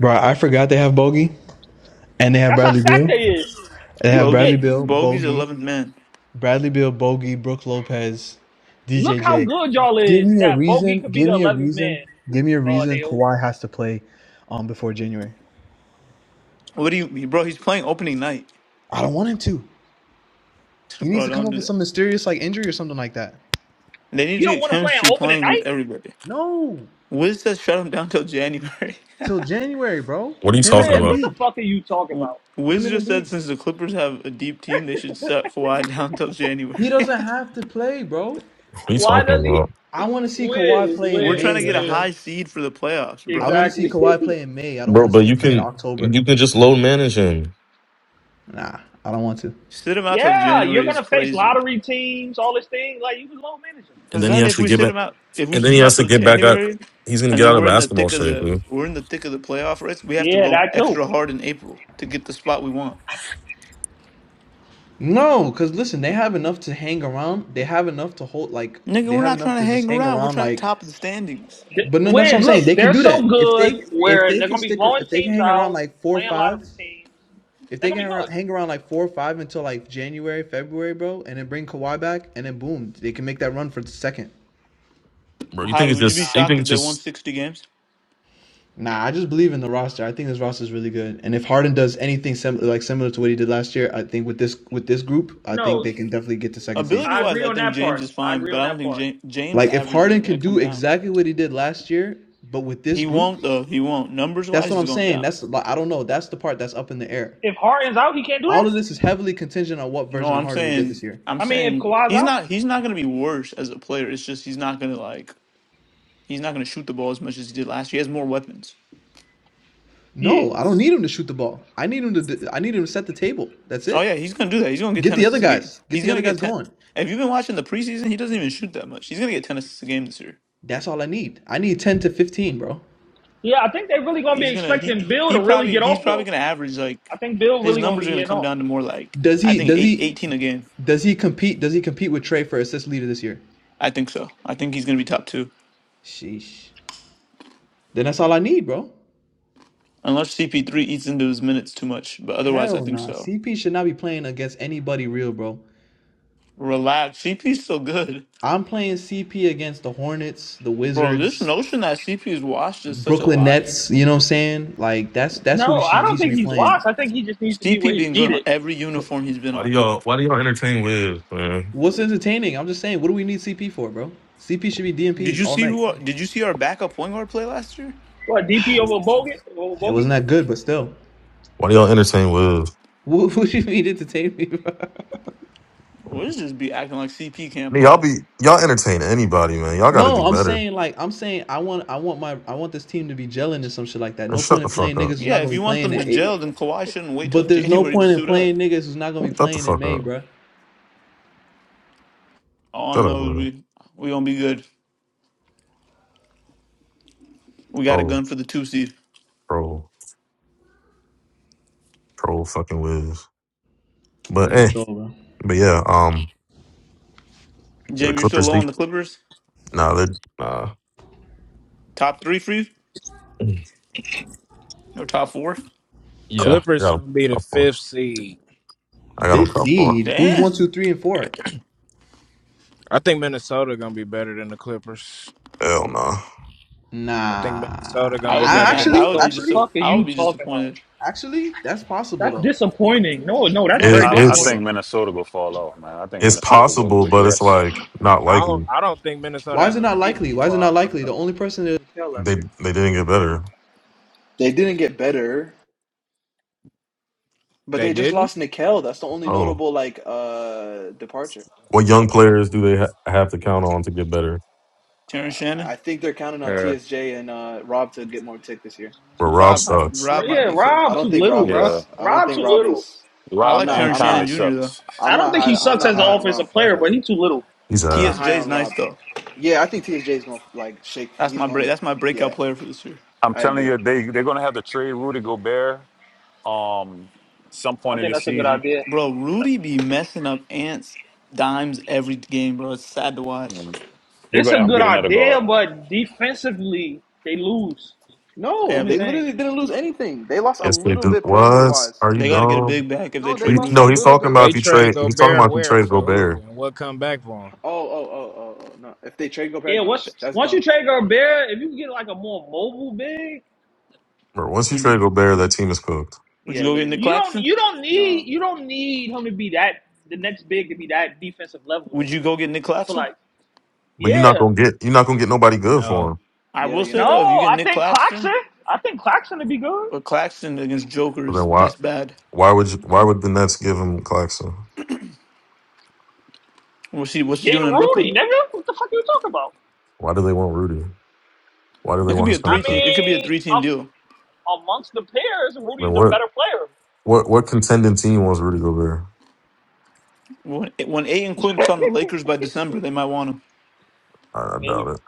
S6: Bro, I forgot they have Bogey and they have
S3: that's how
S6: Bradley
S3: stacked
S6: Beal.
S3: they is.
S6: They
S3: You
S6: have
S5: Bogey's
S3: forget.
S6: Bradley Beal,
S5: Bogey's
S6: Bogey,
S5: eleventh man.
S6: Bradley Beal, Bogey, Brooke Lopez,
S3: Look how
S6: DJJ.
S3: good y'all
S6: Give
S3: is.
S6: me a
S3: That Bogey
S6: reason.
S3: could be
S6: Give
S3: the
S6: me a
S3: eleventh
S6: reason.
S3: man.
S6: Give me a
S3: Uh,
S6: reason
S3: Neil,
S6: Kawhi has to play um before January.
S5: What do you, bro? He's playing opening night.
S6: I don't want him to.
S5: [laughs]
S6: He needs
S5: Bro,
S6: to come
S5: don't
S6: up
S5: do
S6: with
S5: that.
S6: some mysterious like injury or something like that.
S5: They need
S3: you
S5: to
S3: don't
S5: get
S3: want to play an
S5: chemistry
S3: opening
S5: playing with
S3: night.
S5: everybody.
S6: No.
S5: Wiz says shut him down till January.
S6: Till January, bro.
S7: What are you
S6: Him and
S7: talking
S3: Wiz,
S7: about?
S3: what the
S6: Embiid.
S3: fuck are you
S5: [laughs]
S3: talking
S5: W-
S3: about?
S6: Him
S5: Wiz just
S6: and
S5: said
S6: Embiid.
S5: since the Clippers have a deep team, they should shut Kawhi [laughs] down till January.
S6: He
S5: [laughs]
S6: doesn't have to play, bro.
S7: What are you
S3: Why
S7: talking
S3: does he?
S7: about,
S6: I want to see Kawhi
S3: Wiz,
S6: play in
S5: We're
S3: Wiz,
S5: trying
S6: May,
S5: to get a
S3: Wiz.
S6: nigga.
S5: high seed for the playoffs,
S6: I
S5: bro.
S6: want to see
S3: Exactly.
S6: Kawhi play in May. I don't
S7: bro?
S6: want to
S7: But
S6: see
S7: you
S6: him play in
S7: can
S6: October.
S7: you can just load manage him,
S6: Nah, I don't want to.
S5: Sit him
S3: [laughs]
S5: out till
S3: yeah, you're
S5: January is
S3: gonna face
S5: crazy.
S3: lottery teams, all this thing. Like you was low managing.
S7: and
S5: Cause
S7: then he
S5: then
S7: has
S5: if
S7: to
S5: we
S7: get
S5: sit
S7: back,
S5: them out, if we
S7: and then
S5: sit
S7: he
S5: them out
S7: has to
S5: till
S7: get back up.
S5: January,
S7: He's gonna
S5: and
S7: get
S5: then
S7: out of
S5: we're in the
S7: basketball
S5: thick of
S7: shape,
S5: the
S7: dude.
S5: we're in the thick of the playoff race, we have to
S3: Yeah,
S5: go
S3: that too.
S5: extra hard in April to get the spot we want.
S6: No, because listen, they have enough to hang around. They have enough to hold. Like
S5: Nigga,
S6: they
S5: we're
S6: have
S5: not
S6: enough
S5: trying to
S6: to just
S5: hang
S6: hang
S5: around. We're
S6: around.
S5: trying to
S6: Like,
S5: top the standings.
S3: Th-
S6: but no, that's what
S3: Whereas,
S6: I'm saying.
S3: look,
S6: They can
S3: they're
S6: do
S3: so
S6: that if
S3: good
S6: they if
S3: where
S6: they
S3: they're
S6: can
S3: gonna be
S6: stick ar-
S3: blowing
S6: if they can
S3: teams
S6: hang around
S3: out,
S6: like four or
S3: playing
S6: five.
S3: lottery teams.
S6: If
S3: They're
S6: they can
S3: gonna be
S6: hang around,
S3: good.
S6: hang around like four or five until like January, February, bro, and then bring Kawhi back, and then boom, they can make that run for the second.
S7: Bro, you
S5: Heidi,
S7: think it's
S5: would you be
S7: just? You
S5: shocked
S7: think
S5: if
S7: it's
S5: they won
S7: just?
S5: sixty games?
S6: Nah, I just believe in the roster. I think this roster is really good, and if Harden does anything sim- like similar to what he did last year, I think with this with this group, I think they
S3: No,
S6: can definitely get to second seed.
S5: Ability
S3: I
S5: wise,
S3: agree
S5: I
S3: on
S5: think
S3: that part.
S5: James is
S3: I
S5: fine,
S3: agree
S5: but
S3: on
S5: I don't
S3: that
S5: think
S3: part.
S5: James, James
S6: Like if
S5: averages are
S6: Harden
S5: going
S6: can
S5: to come
S6: do
S5: down.
S6: exactly what he did last year, but with this
S5: He
S6: group,
S5: won't though. He won't. Numbers
S6: that's
S5: wise,
S6: what
S5: he's
S6: I'm
S5: going
S6: saying.
S5: down.
S6: That's like I don't know. That's the part that's up in the air.
S3: If Harden's out, he can't do that.
S6: All of this is heavily contingent on what
S5: No,
S6: version of
S5: I'm
S6: Harden we get
S5: saying,
S6: this year.
S5: I'm
S3: I mean, if
S5: saying
S3: Kawhi's
S5: he's
S3: out,
S5: not. He's not going to be worse as a player. It's just he's not going to like. He's not going to shoot the ball as much as he did last year. He has more weapons.
S3: yeah,
S6: No, I don't need him to shoot the ball. I need him to. I need him to set the table. That's
S5: Oh yeah,
S6: it.
S5: he's gonna do that. He's gonna get
S6: Get
S5: ten
S6: the other
S5: assists a game.
S6: guys. Get
S5: He's
S6: the
S5: gonna
S6: other
S5: get
S6: guys
S5: ten.
S6: going.
S5: If you've been watching the preseason, he doesn't even shoot that much. He's gonna get ten assists a game this year.
S6: That's all I need. I need ten to fifteen, bro.
S3: yeah. I think they're really gonna be
S5: He's gonna
S3: expecting
S5: he
S3: Bill to
S5: he
S3: really
S5: probably
S3: get
S5: he's
S3: off
S5: probably
S3: though.
S5: gonna average like
S3: I think Bill
S5: his
S3: really gonna
S5: numbers are
S3: be
S5: gonna
S3: getting
S5: come
S3: off.
S5: down to more like
S6: Does
S5: I
S6: he?
S5: think
S6: Does
S5: eight
S6: he?
S5: eighteen a game.
S6: Does he compete? Does he compete with Trey for assist leader this year?
S5: I think so. I think he's gonna be top two
S6: Sheesh. Then that's all I need, bro.
S5: unless CP3 eats into his minutes too much. But otherwise, I
S6: Hell
S5: think
S6: no.
S5: so.
S6: CP should not be playing against anybody real, bro.
S5: Relax, CP's still good,
S6: I'm playing CP against the Hornets, the
S5: bro. This
S6: Wizards,
S5: notion that CP is washed is such a
S6: Brooklyn
S5: lie.
S6: Nets. You know what I'm saying? Like that's that's who
S3: No, I
S6: she, he
S3: don't
S6: should
S3: think
S6: be
S3: he's lost.
S6: playing.
S3: I think he just needs to be where
S5: CP
S3: he's
S5: being good on
S3: needed.
S5: every uniform he's been
S7: Why do
S5: on.
S7: y'all? Why do y'all entertain Wiz, man?
S6: What's entertaining? I'm just saying. What do we need CP for, bro? CP should be
S5: Did
S6: DMPs
S5: you
S6: all
S5: see
S6: night.
S5: who? Did you see our backup point guard play last year?
S3: What DP
S6: [sighs]
S3: over Bogut? Over
S6: It
S3: Bogut?
S6: wasn't that good, but still.
S7: Why do y'all entertain Wiz?
S6: [laughs] What, what do you mean entertaining? me, bro?
S5: We'll just be acting like CP
S7: I
S5: can't
S7: mean, y'all
S5: play.
S7: be y'all entertain anybody, man. Y'all got to do
S6: No, I'm
S7: better.
S6: saying like I'm saying I want I want my I want this team to be gelling and some shit like that.
S7: And
S6: No
S7: shut
S6: point
S7: the
S6: in playing
S7: fuck
S6: niggas
S7: up.
S6: who's
S5: Yeah,
S6: not
S5: if
S6: gonna
S5: you
S6: be
S5: want
S6: playing
S5: them
S6: in
S5: to
S6: eight.
S5: gel, then Kawhi shouldn't wait till [laughs]
S6: But there's no
S5: January to
S6: point in
S5: suit up.
S6: playing niggas who's not gonna be
S7: Shut the
S6: playing in
S7: fuck
S6: May,
S7: up.
S6: bruh.
S5: All I
S7: Shut up,
S5: know is
S7: Wiz.
S5: we we gonna be good. We got a
S7: Troll,
S5: gun for the two seed.
S7: troll, troll, fucking Wiz. But
S6: You the
S7: eh,
S6: troll, bro.
S7: but yeah, um, yeah, the
S5: Jamie, you're still
S7: Clippers.
S5: low
S7: They,
S5: on the Clippers.
S7: nah, they nah.
S5: Top three for you or top four?
S7: Yeah, I
S1: Clippers
S7: got a
S1: gonna be the
S7: couple.
S1: fifth seed.
S7: I got a
S6: Fifth
S7: couple.
S6: seed. Who's one,
S5: Damn,
S6: two, three, and four?
S1: I think Minnesota gonna be better than the Clippers.
S7: Hell no.
S6: Nah.
S1: I think Minnesota gonna
S5: I
S1: be
S5: would be
S6: I
S1: better
S5: mad.
S1: than the
S6: actually,
S3: What
S5: I would
S3: the
S5: be just
S6: actually,
S1: Clippers.
S3: fuck are
S5: I
S3: you
S5: would be
S3: talking about?
S5: disappointed.
S6: actually, that's possible
S3: That's
S6: though.
S3: disappointing. No, no, that's
S6: No, that's
S3: very
S7: It,
S2: I, I
S6: possible
S7: it's
S3: disappointing.
S2: think
S6: though.
S2: Minnesota will fall off, man. I think
S7: it's
S2: Minnesota will
S7: possible, but it's
S2: regress.
S7: like not
S1: I don't.
S7: likely.
S1: I don't think Minnesota
S6: Why is
S1: has
S6: it
S1: a
S6: not
S1: reason
S6: likely?
S1: to
S6: Why is it
S1: fall
S6: not
S1: in love.
S6: likely?
S1: Though.
S6: The only person that Nikel
S7: They
S6: last year.
S7: they didn't get better.
S6: They didn't get better, but
S1: They
S6: they just
S1: didn't.
S6: lost Nikel. That's the only
S7: Oh,
S6: notable like uh departure.
S7: what young players do they ha- have to count on to get better?
S5: Terrence Shannon,
S6: I think they're counting on
S2: Yeah,
S6: TSJ and uh, Rob to get more tick this year.
S7: But Rob
S5: Rob might
S7: sucks.
S5: Rob might
S3: Yeah,
S5: be cooked
S6: I
S3: Rob too
S6: don't
S5: though.
S6: think
S3: little,
S6: Rob
S3: bro.
S2: yeah.
S6: is. I don't
S3: Rob too
S6: think Rob
S3: little.
S6: is.
S5: I
S6: I'm
S2: Rob
S5: like
S6: not.
S2: and
S5: Terrence
S6: I'm
S5: Shannon
S2: Conley
S6: not.
S5: Jr. though.
S2: sucks.
S3: I
S6: I'm
S3: don't
S6: not
S3: think he
S6: high.
S1: He
S6: I'm
S3: sucks
S6: not
S3: as
S1: talking
S3: an
S6: high
S1: about
S6: on
S3: offensive
S6: Rob.
S3: player,
S1: himself.
S3: but he too little.
S7: He's
S6: I'm
S7: a
S6: not high
S5: TSJ's
S6: on
S5: nice
S6: Rob.
S5: though.
S6: Yeah, I think TSJ is gonna like shake.
S5: That's
S6: He's
S5: my break.
S6: gonna.
S5: That's my breakout
S6: Yeah,
S5: player for this year.
S2: I'm
S6: I
S2: telling you,
S6: agree.
S2: they they're gonna have to trade Rudy Gobert um some
S3: I
S2: point in
S3: think
S2: the
S3: that's a good
S2: season.
S3: idea.
S5: Bro, Rudy be messing up Ants dimes every game, bro. It's sad to watch.
S2: Mm. They're
S3: It's
S2: gonna
S3: a
S2: have
S6: I'm
S2: to
S3: good
S2: get
S6: high.
S2: another
S3: idea,
S2: guard.
S3: but defensively they lose. That's
S5: I
S3: the
S6: No,
S5: have
S3: only
S6: they
S5: the,
S3: thing.
S6: literally didn't lose anything. They lost a
S5: uh,
S7: yes. They
S6: little
S7: do.
S6: bit perimeter
S7: What
S6: wise.
S7: are you
S5: they got to get a
S7: dumb?
S5: big back if they
S6: No, they
S5: trade
S7: We,
S6: lost a
S7: no,
S5: Rudy.
S7: he's
S6: little
S7: talking
S6: bit. With,
S7: about
S1: They
S7: if you
S1: trade
S7: trade. He's talking
S1: Gobert
S7: about if you
S1: where
S7: trade
S1: for who
S7: Gobert.
S1: and what come back for him?
S6: oh, oh, oh, oh, oh. No, if they trade Gobert,
S3: Yeah,
S6: no,
S3: once
S6: that's that's
S3: once you
S6: dumb.
S3: trade Gobert, if you get like a more mobile big,
S7: But once you
S5: Would you
S7: trade Gobert, that team is cooked.
S5: Would
S6: Yeah,
S5: you go get Nick
S6: literally.
S3: you don't
S5: Claxton?
S3: you don't need
S6: No.
S3: you don't need him to be that the next big to be that defensive level though.
S5: Would you go get Nick
S3: I feel
S5: Claxton?
S3: like
S7: But you're not
S3: yeah.
S7: gonna get you're not gonna get nobody good for him.
S5: I
S6: Yeah,
S5: will
S6: you're
S5: say
S3: No,
S6: not.
S5: though, if you get
S3: I
S5: Nick
S3: think Claxton.
S5: Claxton,
S3: I think Claxton would be good.
S5: but Claxton against Joker
S7: So then
S5: is
S7: why
S5: that's bad.
S7: why would you, why would the Nets give him Claxton?
S5: What's he What's he doing
S3: Getting
S5: in Brooklyn?
S3: Rudy, nigga. What the fuck are you talking about?
S7: Why do they want Rudy? Why do they
S5: It could
S7: want
S5: be a
S7: his
S3: I
S5: three team.
S7: contract?
S5: It could be a
S3: mean,
S5: three team deal.
S3: um, amongst the pairs,
S7: Like
S3: Rudy's a
S7: what
S3: better player.
S7: what what contending team wants Rudy Gobert?
S5: When when Aiden Quinton's on the Lakers by December, they might want him.
S7: I, I doubt
S3: Maybe.
S7: it.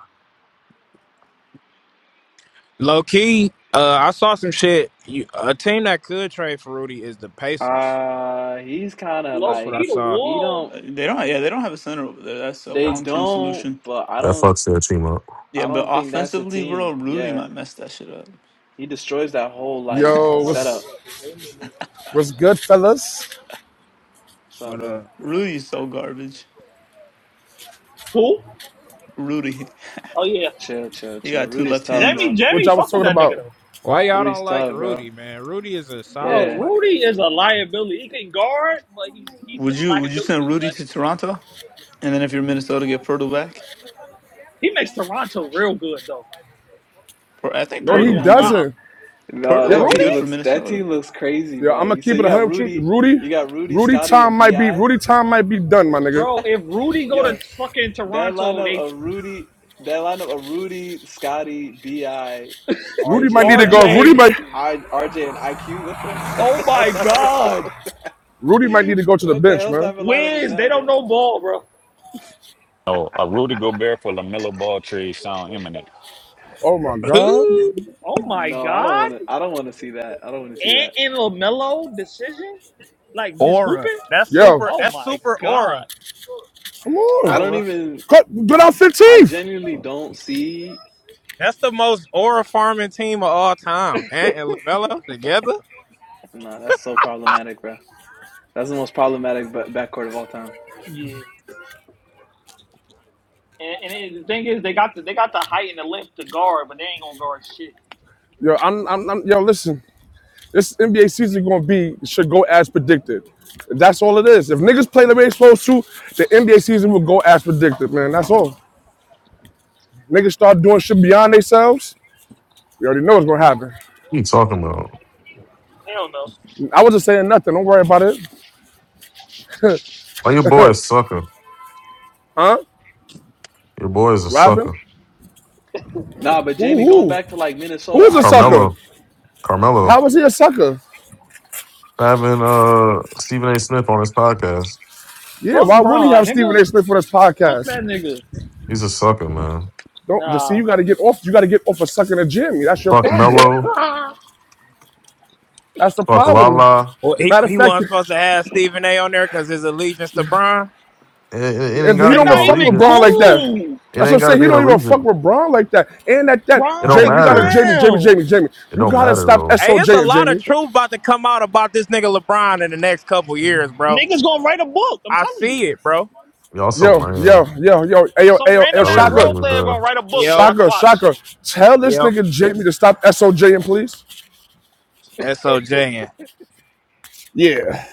S1: Low key, uh, I saw some shit. You, a team that could trade for Rudy is the Pacers.
S6: Uh, he's kind of
S3: Low
S1: That's what
S6: like
S1: I
S3: key, the
S1: saw.
S6: he
S3: Wolves.
S6: don't
S5: Uh, They don't. Yeah, they don't have a center over there. That's a
S6: they
S7: That's,
S5: long term solution.
S6: don't, but I
S7: that
S6: don't
S7: fucks their team up.
S5: Yeah,
S6: I
S5: but
S6: don't think that's a
S5: offensively,
S6: team.
S5: bro, Rudy
S6: Yeah,
S5: might mess that shit up.
S6: he destroys that whole like
S8: Yo, what's
S6: setup.
S8: what's good, fellas?
S6: What's up,
S1: But uh,
S6: bro?
S5: Rudy's so garbage.
S3: Who?
S5: Rudy,
S3: Oh, yeah.
S6: Chill, chill,
S5: he
S6: chill.
S5: got two
S6: Rudy's
S5: left
S6: tough,
S5: hands.
S3: Jamie,
S6: bro.
S8: What
S3: Jamie,
S8: y'all was
S3: fuck with
S8: talking
S3: that nigga,
S8: about?
S3: though.
S1: why y'all
S6: Rudy's
S1: don't like
S6: tough, bro.
S1: Rudy, man? Rudy is a solid
S3: Bro,
S6: Yeah.
S1: player.
S3: Rudy is a liability. He can guard, but he's he's
S5: Would
S3: a
S5: you would you
S3: liability.
S5: send Rudy
S3: Like
S5: to Toronto? And then if you're Minnesota, get Pirtle back.
S3: he makes Toronto real good, though.
S5: Per- I think
S8: No,
S3: I ain't
S8: he
S5: Pirtle would
S6: [laughs]
S5: be
S3: gonna
S5: good.
S3: lie.
S8: doesn't.
S6: No, no,
S5: Pirtle would
S6: that
S3: Rudy,
S8: Yo,
S5: be
S6: team
S5: good for
S6: looks that
S5: Minnesota.
S6: team looks crazy,
S8: yo, I'm
S6: bro.
S8: gonna
S6: You so
S8: keep it
S6: you got
S8: 100 with you.
S6: Rudy,
S8: Rudy,
S6: you got Rudy,
S8: Rudy
S6: Scotty,
S8: Tom
S6: and
S8: might be
S6: Bi.
S8: Rudy Tom might be done, my nigga.
S3: bro, if Rudy go
S6: Yo,
S3: to fucking
S6: That
S3: Toronto,
S6: lineup
S3: they
S6: of Rudy, that lineup of Rudy, Scotty, Bi,
S8: Rudy might
S6: RJ,
S8: need to
S6: and
S8: go. Rudy
S3: RJ.
S6: like
S8: might
S6: I, RJ and IQ. What the, [laughs] what
S3: Oh
S6: the hell
S3: my
S6: type of
S3: god,
S6: lineup?
S8: Rudy might need to go to the
S6: What the
S8: bench,
S6: hell
S8: man.
S6: type of lineup is
S3: Wiz, They
S6: that,
S3: don't
S6: bro?
S3: know ball, bro.
S2: Oh, a Rudy Gobert for Lamelo Ball trade sound imminent.
S8: Oh my god.
S1: [laughs]
S3: Oh my
S6: No, I don't
S3: God.
S6: want to. I don't want to see that. I don't want to see
S3: And
S6: that.
S3: in Lamelo decision, like just
S1: aura.
S3: hooping.
S1: That's
S8: Yo,
S1: super.
S3: Oh
S1: That's
S3: my
S1: super
S3: God.
S1: aura.
S8: come
S6: I
S8: on.
S3: Or
S6: don't
S3: ref-
S6: even.
S8: Cut get out
S6: I
S8: 15th.
S6: genuinely don't see.
S1: That's the most aura farming team of all time. Ant and Lamelo together.
S6: No, that's so problematic, bro. That's the most problematic ba- backcourt of all time.
S3: yeah. And, and it- the thing is, they got the they got the height and the length to guard, but they ain't gonna guard shit.
S8: Yo, I'm, I'm, I'm yo, listen. This NBA season gonna be should go as predicted. That's all it is. If niggas play the way it's supposed to, the NBA season will go as predicted, man. That's all. Niggas start doing shit beyond themselves. We already know what's gonna happen.
S7: What are you talking about?
S3: Hell no.
S8: I wasn't saying nothing. Don't worry about it.
S7: Why your boy is sucker.
S8: Huh?
S7: Your boy is a
S8: Robin?
S7: sucker.
S6: Nah, but
S8: Who
S6: Jamie, going
S8: who?
S6: back to like Minnesota,
S8: Who's a
S6: I think.
S8: sucker?
S7: Carmelo.
S8: How
S7: Carmelo.
S8: was he a sucker?
S7: Having uh Stephen A. Smith on his podcast.
S8: Yeah,
S3: Fuck
S8: why wouldn't he
S3: Bron,
S8: have Stephen
S3: nigga.
S8: A. Smith for this
S3: Fuck
S8: podcast?
S3: that nigga.
S7: He's a sucker, man.
S8: Don't just see
S3: Nah.
S8: you gotta get off you gotta get off of sucking a Jimmy. That's your
S7: Fuck
S8: problem.
S7: Melo.
S3: [laughs]
S8: That's the
S7: Fuck
S8: problem.
S7: Lala.
S1: Well, he
S8: Matter of
S1: he
S8: fact,
S1: wasn't supposed
S8: and
S1: to have Stephen A. on there because his allegiance to Bron.
S7: It, it, it ain't
S8: he
S7: gotta
S3: They
S8: don't
S7: be
S8: even
S7: no
S3: not
S8: fuck with
S3: even
S8: Braun
S7: allegiance.
S8: like that.
S3: cool.
S7: It
S8: That's what
S7: ain't
S8: I'm
S7: gotta
S8: saying.
S7: be
S8: He
S7: an
S8: don't even
S7: allegiance.
S8: fuck with Braun like that. And at that,
S7: It don't
S3: Bron a
S8: Jamie, you gotta
S7: matter.
S8: Jamie, Jamie,
S3: clown.
S8: Jamie, Jamie.
S7: It
S8: You
S7: don't
S8: gotta
S7: matter
S8: stop
S7: though.
S1: Hey, it's a
S8: SOJ,
S1: lot of
S8: Jamie.
S1: truth about to come out about this nigga LeBron in the next couple years, bro.
S3: Niggas gonna write a book. I'm
S1: I
S3: telling you.
S1: see it, bro.
S7: Y'all so
S8: Yo, yo,
S7: lame.
S8: yo, yo, ayo,
S3: Some
S8: ayo, ayo,
S3: random
S7: Y'all
S3: ass
S7: really
S8: Shaka,
S7: lame
S3: role
S7: with
S3: player
S7: uh
S3: gonna write a book.
S1: Yep,
S3: Shaka
S8: Shaka,
S3: watch.
S8: Shaka. Tell this
S1: yep.
S8: nigga Jamie to stop SOJing, please.
S1: SOJN.
S8: Yeah.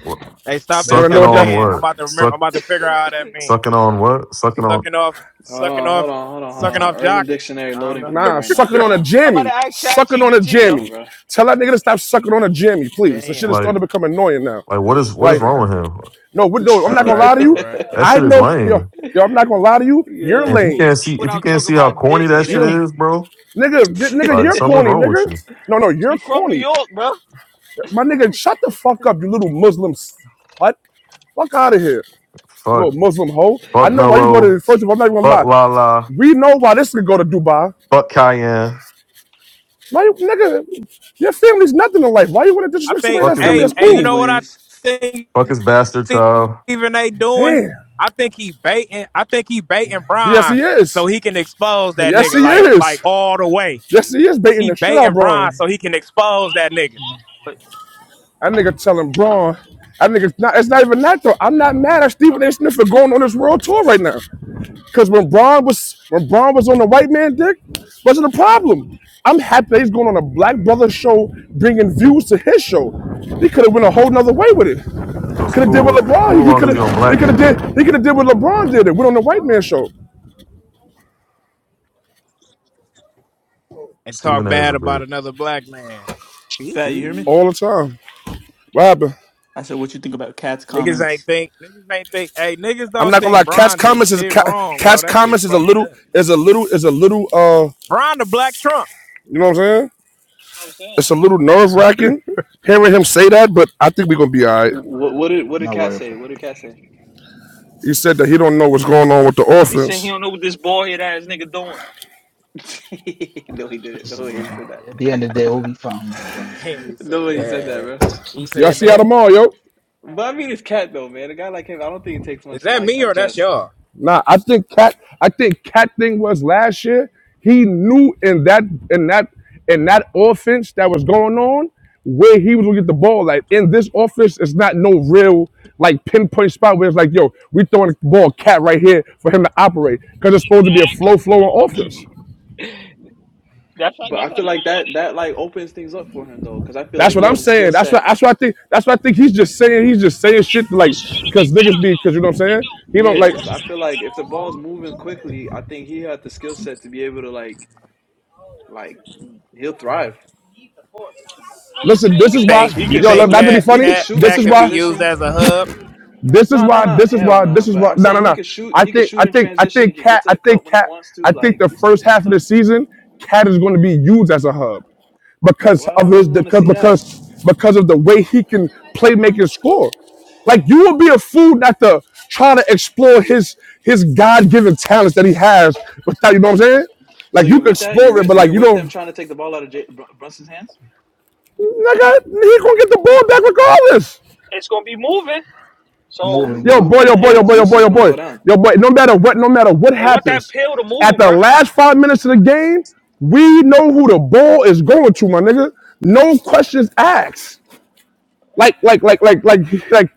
S7: what-
S1: Hey, stop
S8: Wanna know
S7: Sucking
S3: Wh-
S8: what
S7: on
S8: that?
S1: SOJN. I'm about to
S7: what?
S1: remember. I'm about to figure out how that mean.
S7: Sucking on what? Sucking on
S1: Sucking off,
S6: Hold
S1: sucking
S6: on, hold
S1: off,
S6: on, hold on, hold
S1: sucking
S6: on.
S1: off
S6: Urban
S1: jock.
S6: Dictionary
S1: I don't
S6: loading
S1: know.
S6: for me
S8: Nah,
S6: right now.
S8: sucking
S6: Hold
S8: on a
S6: on.
S3: I'm about
S8: jammy.
S3: to ask Chat
S8: Sucking on a
S3: GBT,
S6: Hold
S3: yo.
S6: on,
S8: jammy.
S6: bro.
S8: Tell that nigga to stop sucking on a jammy,
S1: [laughs]
S8: please. The shit is
S1: Damn.
S7: like
S8: starting to become annoying now.
S7: like what is what
S1: All
S7: is
S8: Like,
S7: wrong
S1: right.
S7: with him?
S8: no, we
S6: [laughs]
S8: no, I'm
S1: All
S8: not gonna
S1: right.
S8: lie to
S1: All
S8: you.
S1: right. All
S7: That
S8: I
S7: shit
S1: right.
S7: is
S8: know, yo,
S7: lame.
S8: yo, I'm not gonna lie to you. You're
S7: And if
S6: Yo.
S7: you
S8: lame.
S7: can't see if you
S3: Without
S7: can't
S3: talking
S7: see how
S3: about
S7: corny
S3: dick,
S7: that
S3: it, it,
S7: shit
S8: You,
S3: it-
S7: is, bro,
S8: nigga,
S6: [laughs]
S8: you, nigga,
S7: like
S8: you're
S7: something's
S8: corny,
S7: wrong with
S8: nigga.
S7: you.
S8: No, no,
S3: he
S8: you're
S3: from New
S8: corny.
S3: York, bro. That's
S8: My nigga, shut the fuck up, you little Muslim slut. Fuck out of here. little
S7: Fuck
S8: Muslim hoe. I
S7: fuck
S8: know why you go
S7: Mello,
S8: to. First of all, I'm not even gonna
S7: fuck
S8: lie.
S7: Lala,
S8: We know why this nigga go to Dubai.
S7: fuck Cayenne,
S8: Why you nigga? Your family's nothing in life. Why you want to
S1: I
S8: disrespect somebody
S1: think,
S7: fuck
S8: that's
S7: his
S8: family?
S1: hey,
S8: That's
S5: Any
S1: hey, you
S8: cool.
S1: know what I
S5: anyways,
S1: think
S7: fuck his bastard child.
S1: Stephen A. doing?
S8: Damn.
S1: I think he baiting. I think he baiting
S8: Yes,
S1: Brian
S8: he
S1: so
S8: is.
S1: he can expose that
S8: Yes, he
S1: nigga like like
S8: is.
S1: all the way.
S8: Yes, he is baiting
S1: He
S8: the shit out of
S1: baiting Brian
S8: Braun.
S1: so he can expose that nigga
S8: That nigga telling Braun. That nigga's not. It's not even that though. I'm not mad at Stephen A. Smith for going on this world tour right now. Because when Braun was when Braun was on the white man dick, wasn't a problem. I'm happy that he's going on a black brother show, bringing views to his show. He could have went a whole nother way with it.
S7: So it's
S8: Could have did what
S7: cool. Cool
S8: LeBron. He
S7: long
S8: could
S7: as he on
S8: have. He
S7: black
S8: could have
S7: dick.
S8: did. He could have did what LeBron did. It went on the white man show
S1: and talk
S7: Stephen A is
S1: bad
S7: a
S1: about
S7: bitch.
S1: another black man. [laughs]
S5: Fat, you hear me?
S1: Niggas
S8: all the time. What happened?
S5: I said, what you think about Cat's comments?
S1: ain't think. Niggas ain't think. Hey, niggas
S8: I'm
S1: don't
S8: not gonna
S1: think
S8: lie. Catch
S1: Brian do
S8: comments is
S1: shit
S8: ca-
S1: wrong, bro.
S8: catch
S1: That shit
S8: comments is a
S1: fucked
S8: little
S1: up.
S8: is a little is a little uh
S1: Brian the Black Trump.
S8: you know what I'm saying?
S3: what I was saying.
S8: It's a little nerve wracking hearing him say that, but I think we're gonna be all right.
S6: what what did what did
S9: Not
S6: Cat
S9: worry
S6: say?
S9: about
S6: What did Cat say?
S8: He said that he don't know what's going on with the
S3: He saying he
S8: offense.
S3: don't know what this bald head ass nigga doing.
S6: [laughs] no, he
S9: it.
S6: didn't. No
S9: Listen,
S6: way he
S9: man.
S6: said
S9: At the end of the day, we'll be
S6: that.
S9: fine, Mike
S1: [laughs]
S9: Brown.
S1: can you
S6: [laughs] no
S1: say
S6: way he said that, bro.
S1: that? He
S8: Y'all
S1: said
S8: see how
S1: that.
S8: tomorrow, yo.
S6: But I mean, it's Cat though, man. A guy like him, I don't think it takes
S1: Is
S6: much to
S1: that
S6: like
S1: me or that's
S6: adjust.
S1: y'all?
S8: Nah, I think cat. I think cat thing was last year. He knew in that in that in that offense that was going on where he was gonna get the ball. Like in this offense, it's not no real like pinpoint spot where it's like, yo, we throwing the ball cat right here for him to operate because it's supposed to be a flow flowing offense.
S3: He- That's how.
S6: But
S3: That's
S6: I
S3: how
S6: feel
S3: he.
S6: like
S3: going.
S6: that that like opens things up for him though, because I feel
S8: That's
S6: like
S8: what
S6: he
S8: I'm
S6: has a skill
S8: saying. That's what
S6: set.
S8: that's what I think. That's what I think. He's just saying. He's just saying
S3: It
S8: shit to, like
S3: forces you to be
S8: because niggas
S3: better,
S8: be because you know what
S3: though. It
S8: I'm saying.
S3: do.
S8: He don't
S6: Yeah,
S3: It
S8: like.
S6: because
S3: forces
S6: I
S3: you to
S6: feel
S3: be
S6: like
S3: better.
S6: if the ball's
S3: How
S6: moving quickly, I think he had the skill set to be able to like like he'll thrive.
S3: you say
S8: Listen,
S3: it's
S8: this
S1: You
S3: an
S8: is why.
S1: think
S6: He
S3: adjustment
S1: you
S6: could
S8: Yo,
S3: period,
S8: look,
S1: think
S6: shoot
S8: not
S6: in
S8: to
S3: though.
S8: be
S1: cat
S6: he
S8: funny.
S6: could
S1: cat
S6: shoot in
S8: This
S1: cat
S8: is
S1: could be
S8: why.
S1: used
S6: transition.
S1: as a hub?
S8: This is
S6: No, no,
S8: why.
S6: no,
S8: This is
S6: hell
S8: why. This
S6: no.
S8: is
S6: But
S8: why.
S6: I'm
S8: No, no,
S6: saying he
S8: no.
S6: could shoot
S8: I
S6: he could
S8: think. I
S6: shoot in
S8: think. I
S6: transition. He
S8: think.
S6: could get
S8: Cat.
S6: to
S8: I
S6: the
S8: think.
S6: cup when he
S8: Cat.
S6: wants to.
S8: I think
S6: Like
S8: the
S6: he's
S8: first
S6: cool. He's
S8: half of the
S6: tough.
S8: season, Cat is going to be used as a hub because
S6: Why
S8: of
S6: would
S8: his
S6: we want to
S8: because
S6: see that?
S8: because because of the way he can play, make, and score. Like you would be a fool not to try to explore his his God given talents that he has without you know what I'm saying.
S6: So
S8: Like you
S6: you're
S8: can
S6: with that? You're
S8: explore it,
S6: with
S8: but like
S6: you're
S8: you
S6: with
S8: know,
S6: them trying to take the ball out of J- Br- Brunson's hands?
S8: Nigga, he gonna get the ball back regardless.
S3: it's gonna be moving.
S6: It's
S3: So
S6: gonna be
S9: Moving
S8: Yo,
S9: well.
S8: boy,
S6: moving,
S8: yo, boy,
S6: man.
S3: it,
S8: yo,
S6: His
S8: boy, yo, boy,
S6: usage
S8: yo,
S6: gonna
S8: boy,
S6: go down.
S8: yo, boy. No matter what, no matter what
S3: they want that
S8: happens,
S3: pill to
S8: at
S3: move,
S8: the
S3: bro.
S8: last five minutes of the game, we know who the ball is going to, my nigga. No questions asked. Like, like, like, like, like, like.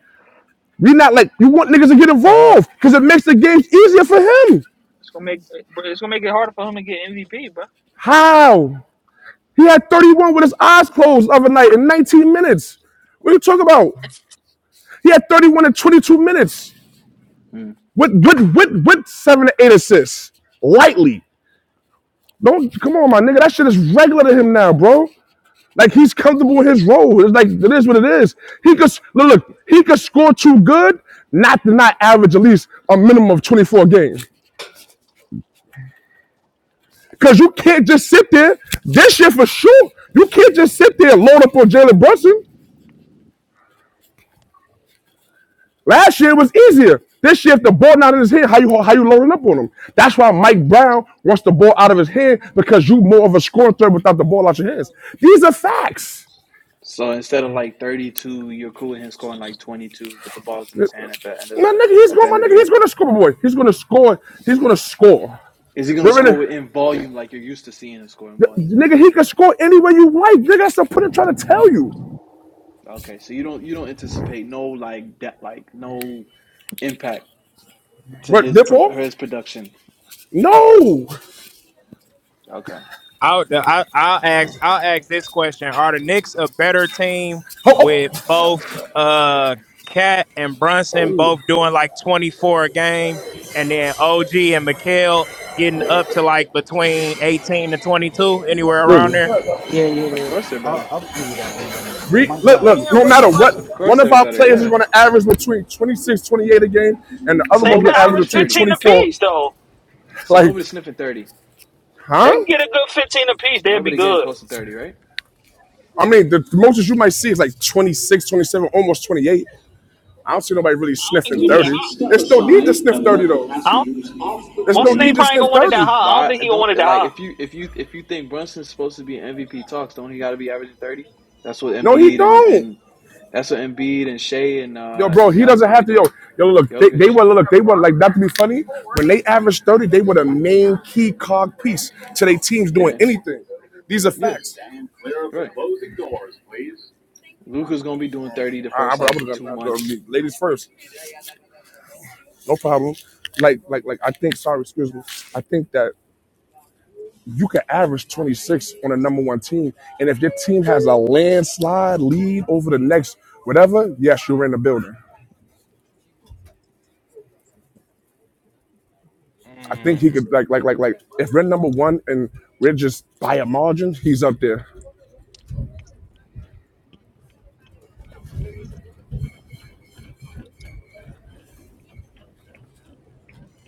S8: We not like you want niggas to get involved because it makes the games easier for him.
S3: It's gonna make it's gonna make it harder for him to get MVP, bro.
S8: How? He had 31 with his eyes closed the other night in 19 minutes. What are you talking about? He had 31 in 22 minutes
S6: Mm.
S8: with with with with seven to eight assists lightly. Don't come on, my nigga. That shit is regular to him now, bro. Like he's comfortable in his role. It's like it is what it is. He could look, look he could score too good, not to not average at least a minimum of 24 games. Cause you can't just sit there. This year for sure, you can't just sit there and load up on Jalen Brunson. Last year it was easier. This year, if the ball not in his hand, how you how you loading up on him? That's why Mike Brown wants the ball out of his hand because you more of a scoring threat without the ball out your hands. These are facts.
S6: So instead of like 32, you're cool with him scoring like 22, but the ball's in his hand at the end of
S8: My
S6: the
S8: nigga, he's
S6: at the
S8: going. My
S6: end of the
S8: nigga, he's
S6: game.
S8: going to score, boy. He's going to score. He's going to score.
S6: Is he gonna
S8: We're gonna,
S6: score in volume like you're used to seeing him score in volume though?
S8: nigga. He can score any way you like. Nigga, that's the point I'm trying to tell you.
S6: Okay, so you don't you don't anticipate no like that like no impact to
S8: What
S6: his
S8: dip
S6: prof-
S8: off?
S6: his production.
S8: No.
S6: Okay,
S1: I'll I, I'll ask I'll ask this question: Are the Knicks a better team
S8: Oh, oh.
S1: with both uh Cat and Brunson both doing like twenty four a game, and then OG and McHale getting up to like between eighteen to twenty two, anywhere around there?
S8: Look,
S9: Yeah, yeah,
S6: of
S9: yeah.
S6: course they're
S9: I'll,
S6: better.
S9: I'll agree with that. I mean,
S8: re,
S9: Mike
S8: look,
S9: Brown.
S8: look.
S1: Damn,
S8: No
S9: I
S1: what the
S9: think.
S8: matter
S1: fuck
S8: what,
S1: is
S6: Of
S1: that?
S8: one
S6: course
S8: of
S6: they're
S8: our
S6: better.
S8: players is
S6: Yeah.
S8: going to average between 26, 28 a game, and the other
S6: So
S3: They
S8: ones
S3: could
S8: will
S6: nobody's
S3: average
S8: average
S6: sniffing
S8: between
S6: thirty.
S3: 15
S8: 24.
S3: apiece, though.
S6: So
S8: Like,
S6: nobody's sniffing thirty.
S3: They
S8: huh?
S3: can get a good 15 apiece. They'd be
S6: Nobody
S3: good.
S6: getting close
S3: I
S6: to thirty, right?
S8: I mean, the, the most you might see is like 26, 27, almost 28. I don't see nobody really
S3: don't think it's
S8: sniffing
S3: gonna be that hot.
S8: 30. There's no need to sniff 30 though.
S3: I don't.
S8: There's
S3: What's
S8: no
S3: the name?
S8: need to
S3: Probably ain't
S8: sniff
S3: gonna want it that
S8: 30.
S3: high. I don't
S6: But
S3: think
S6: I
S3: he gonna want
S6: don't
S3: it that
S6: like
S3: high.
S6: if you if you if you think Brunson's supposed to be MVP talks, don't he got to be averaging thirty? That's what
S8: No, he
S6: Embiid and
S8: don't.
S6: and that's what Embiid and Shea and
S8: Yo,
S6: uh
S8: bro,
S6: and
S8: he
S6: Giannis
S8: doesn't
S6: gonna
S8: have
S6: be
S8: to. Yo,
S6: doing.
S8: yo, look, they,
S6: Jokic.
S8: they were look, they were like not to be funny. When they averaged 30, they were the main key cog piece to their teams doing
S6: Yeah.
S8: anything. These are
S6: Yeah.
S8: facts. Stand clear of the
S6: Right.
S8: closing doors, please.
S6: Luka's gonna be doing thirty the
S8: I, I
S6: first
S8: would
S6: like
S8: have done
S6: two
S8: that.
S6: months.
S8: uh, Ladies first, no problem. Like, like, like. I think. Sorry, excuse me. I think that. you can average 26 on a number one team. And if your team has a landslide lead over the next whatever, yes, you're in the building. I think he could like like like like if we're number one and we're just by a margin, he's up there.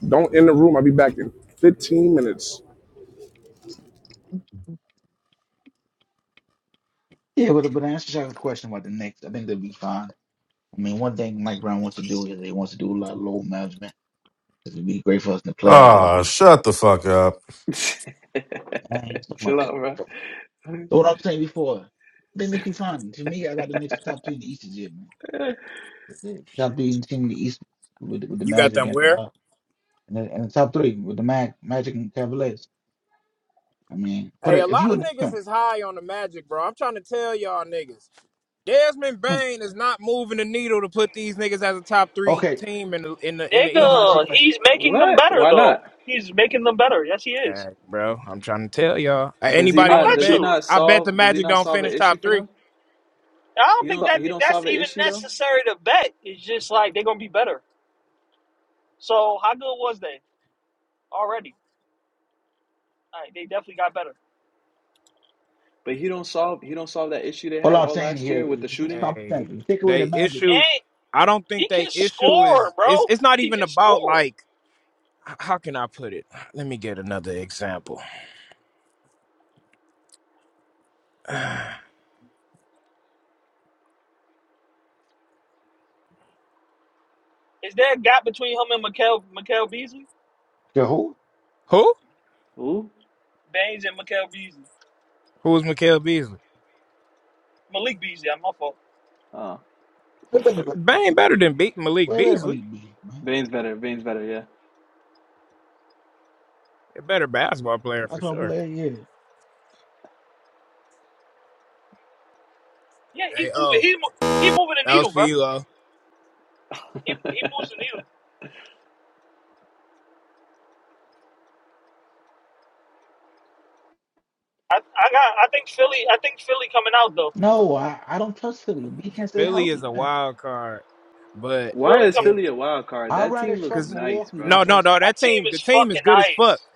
S8: Don't in the room. I'll be back in 15 minutes.
S9: Yeah, but but to answer your question about the Knicks, I think they'll be fine. I mean, one thing Mike Brown wants to do is he wants to do a lot of load management. It would be great for us in the playoffs, but
S7: Ah, shut the fuck up.
S6: [laughs]
S9: I ain't talking about
S6: Chill
S9: that.
S6: out, bro.
S9: bro. So what I was saying before, I think this be fine. To me, I got the Knicks top two in the East this year, man. The Top three team in the East with, with the
S1: You got
S9: Magic
S1: them
S9: and
S1: where?
S9: uh, and, the, and the top three with the Mag, Magic and Cavaliers. I mean, for
S1: Hey, a
S9: the, if
S1: lot
S9: you
S1: of
S9: an
S1: niggas
S9: expert,
S1: is high on the magic, bro. I'm trying to tell y'all niggas. Desmond
S9: I mean,
S1: Bain is not moving the needle to put these niggas as a top three
S9: okay.
S1: team in the in the in the
S9: So I'm
S1: East,
S9: asking
S1: bro.
S3: Nigga,
S9: you a question.
S3: he's making them
S6: What?
S3: better
S6: Why
S3: though.
S6: not?
S3: He's making them better. Yes, he is.
S1: Hey, bro, I'm trying to tell y'all. Hey,
S6: Does he
S1: anybody
S3: I
S1: want
S6: not?
S1: to
S3: bet
S6: Does he
S1: bet?
S3: you.
S6: not
S1: I bet the
S6: solve? Does he
S1: Magic
S6: not
S1: don't
S6: solve an
S1: finish
S6: issue
S1: top
S6: for
S1: three.
S6: them?
S3: I don't
S6: He
S3: think
S6: don't.
S3: that
S6: He don't
S3: that's
S6: solve an
S3: even
S6: issue though.
S3: necessary to bet. It's just like they're gonna be better. So how good was they already? All right, they definitely got better.
S6: But he don't solve. He don't solve that issue they
S9: All
S6: had
S9: I'm
S6: all
S9: saying
S6: last
S9: here
S6: year with
S9: is
S6: the
S9: just
S6: shooting.
S9: common
S1: Hey,
S9: sense. If you take away
S1: they
S9: the magic,
S1: issue.
S3: And
S1: I don't think
S3: he can
S1: they issue
S3: score,
S1: is. It's
S3: bro.
S1: it's not
S3: He
S1: even
S3: can
S1: about
S3: score.
S1: like h- how can I put it? Let me get another example. [sighs]
S3: Is there a gap between him and Mikael, Mikael Beasley?
S9: the whole
S1: Who?
S6: Who?
S3: Baines and Mikael Beasley.
S1: Who is Mikael Beasley?
S3: Malik Beasley, I'm my fault.
S6: Oh,
S9: wait, wait,
S1: I
S9: wait,
S1: mean,
S9: wait,
S1: Bane better than beat Malik
S9: wait, wait a
S1: Beasley.
S9: minute, B, man.
S6: Bane's better. Bane's better. Yeah.
S1: A better basketball player
S9: That's
S1: for
S9: my
S1: sure.
S9: player here.
S3: Yeah, he's
S1: Hey,
S3: moving.
S1: oh,
S3: He mo- he moving the
S1: that was
S3: needle,
S1: for
S3: bro.
S1: you, oh.
S3: He,
S6: [laughs]
S3: he moves the needle. I, I got. I think Philly. I think Philly coming out though.
S9: No, I, I don't trust Philly. B can't stay
S1: Philly is
S9: healthy,
S1: a
S9: man.
S1: wild card, but
S6: Why
S3: Philly
S6: is
S3: come.
S1: if,
S6: Philly a wild card?
S9: I'd
S6: That
S9: rather
S6: team looks
S9: trust
S1: because
S6: nice,
S9: Milwaukee than
S1: no,
S6: bro.
S1: no,
S9: trust
S1: no,
S3: That
S1: that
S3: team
S1: team,
S3: is
S1: the team is
S3: fucking
S1: good as fuck.
S3: nice.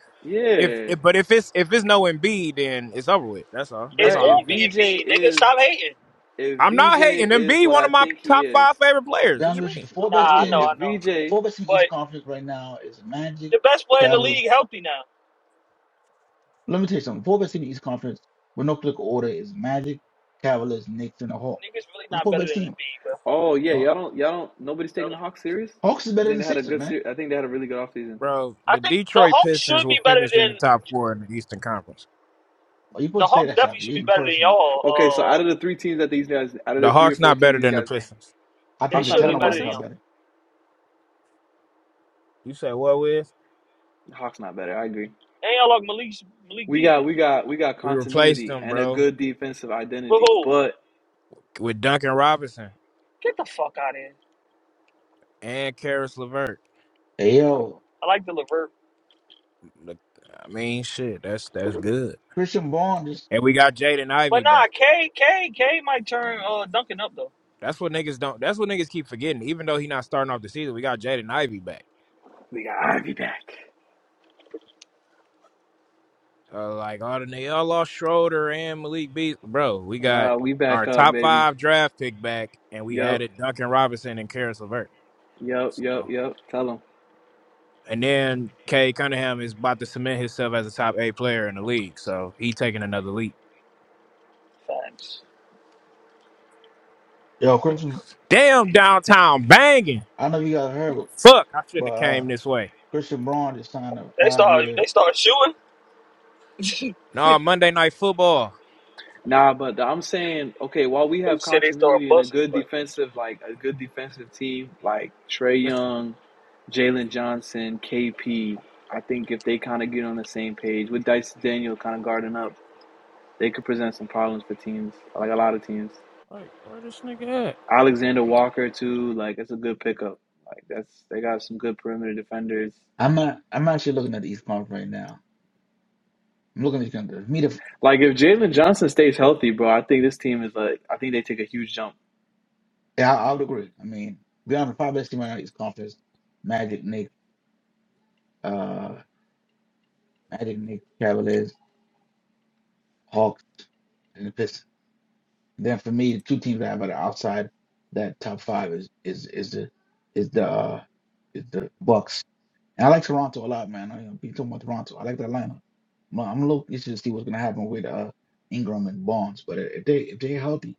S1: If,
S6: Yeah,
S1: if but if it's if it's no Embiid, then it's over with. That's all. That's
S3: It's
S6: Brad.
S1: all I'm
S6: If
S3: gonna be
S1: saying.
S6: VJ
S3: Embiid, nigga.
S6: is
S3: Stop hating.
S6: if
S1: I'm not hating
S6: VJ is
S1: Embiid,
S6: what
S1: one
S6: I
S1: of my
S6: think he
S1: top five
S6: is,
S1: favorite players. What
S9: Down
S1: you
S9: Richie. The
S1: mean,
S9: four
S3: Nah,
S9: best
S6: yeah.
S3: I know,
S9: teams,
S6: If
S3: I know.
S9: the
S6: VJ
S9: four best team in the East
S3: But
S9: Conference right now is Magic,
S3: the best player in the
S9: Cavaliers.
S3: league healthy now.
S9: Let me tell you something. Four best team in the East Conference with no click order is Magic, Cavaliers, Knicks, and the Hawks.
S3: Niggas really
S9: Those
S3: not
S9: four
S3: better
S9: best
S3: than
S9: teams.
S3: Embiid, bro.
S6: Oh yeah,
S9: The
S6: y'all don't y'all don't nobody's
S3: Tell
S6: taking
S3: them
S6: the Hawks
S3: niggas.
S6: serious.
S9: Hawks is
S6: I
S9: better than
S6: think
S9: the
S6: they had a
S9: Sixers,
S6: good
S9: man.
S6: series. I think they had a really good offseason.
S1: bro?
S3: I
S1: The
S3: think the
S1: Detroit
S3: Hawks
S1: Pistons
S3: should
S1: will
S3: be better
S1: finish in the
S3: than
S1: top four in the Eastern Conference.
S9: Well, you
S3: the
S9: supposed to say
S3: Hawks.
S9: that,
S3: Definitely
S9: Shaka.
S3: should
S9: You in
S3: be
S9: the
S3: better than
S9: first one.
S3: y'all.
S6: Okay, so out
S3: Uh,
S6: of the three teams that these guys, out of the
S1: The
S6: three or
S1: Hawks
S6: four
S1: not
S6: teams
S1: better
S6: these
S1: than the
S6: guys named,
S1: Pistons.
S9: I
S3: they
S9: think
S6: Hawks
S9: the
S6: not
S3: should
S6: better
S3: be
S9: talent
S6: than
S3: better
S9: wise,
S3: than
S9: how
S6: Pistons.
S3: y'all.
S9: better.
S1: You say what, Wiz?
S6: Hawks not better. I agree.
S3: And y'all like Malik Malik
S6: We
S3: Beasley.
S6: got we got we got
S1: We replaced
S6: continuity
S1: them,
S6: and a
S1: bro,
S6: good defensive identity,
S3: Woohoo!
S6: but
S1: with Duncan Robinson
S3: Get the fuck out of here.
S1: and Karis LeVert.
S9: Hey, yo,
S3: I like the Levert.
S1: Look, I mean, shit, that's that's good.
S9: Christian Braun just
S1: And we got Jaden
S3: But
S1: Ivey
S3: nah,
S1: back.
S3: K K K might turn uh Duncan up though.
S1: That's what niggas don't. That's what niggas keep forgetting. Even though he not starting off the season, we got Jaden Ivey back.
S6: we got Ivy back.
S1: Uh, like all the they all lost Schroeder and Malik Beast. Bro, we got
S6: Nah, we back
S1: our
S6: up,
S1: top
S6: baby.
S1: five draft pick back, and we
S6: Yup,
S1: added Duncan Robinson and Karis LeVert.
S6: yup, yup,
S1: So,
S6: yup. Tell them.
S1: and then Kay Cunningham is about to cement himself as a top eight player in the league. So he taking another leap.
S3: Facts.
S9: yo Christian.
S1: Damn, downtown banging.
S9: I know you guys heard it,
S1: Fuck, I
S9: but
S1: shouldn't have came
S9: uh,
S1: this way.
S9: Christian Braun just signed a
S3: They
S9: five
S3: start they
S9: year.
S3: start shooting. [laughs]
S1: No, Monday night football.
S6: Nah, but I'm saying, okay, while we
S3: They
S6: have
S3: said they start
S6: continuity and a
S3: busting.
S6: good
S3: Like,
S6: defensive, like a good defensive team, like Trey
S1: It's
S6: Young, Jalen Johnson, KP, I think if they kind of get on the same page with Dice Daniel kind of guarding up, they could present some problems for teams, like a lot of teams.
S1: like where this nigga at?
S6: Alexander Walker too, like that's a good pickup. Like that's they got some good perimeter defenders.
S9: I'm not. I'm actually looking at the East Conference right now. I'm looking at the Conference. Me, the
S6: Like if Jalen Johnson stays healthy, bro, I think this team is like I think they take a huge jump.
S9: yeah, I, I would agree. I mean, beyond the five best team right now, East Conference: Magic, Nick, uh, Magic, Nick, Cavaliers, Hawks, and the Pistons. Then for me, the two teams that have are outside that top five is is is the is the uh, is the Bucks And I like Toronto a lot, man. I be talking about Toronto. I like the lineup. I'm, I'm a little interested to see what's gonna happen with uh, Ingram and Bonds, but if they if they're healthy,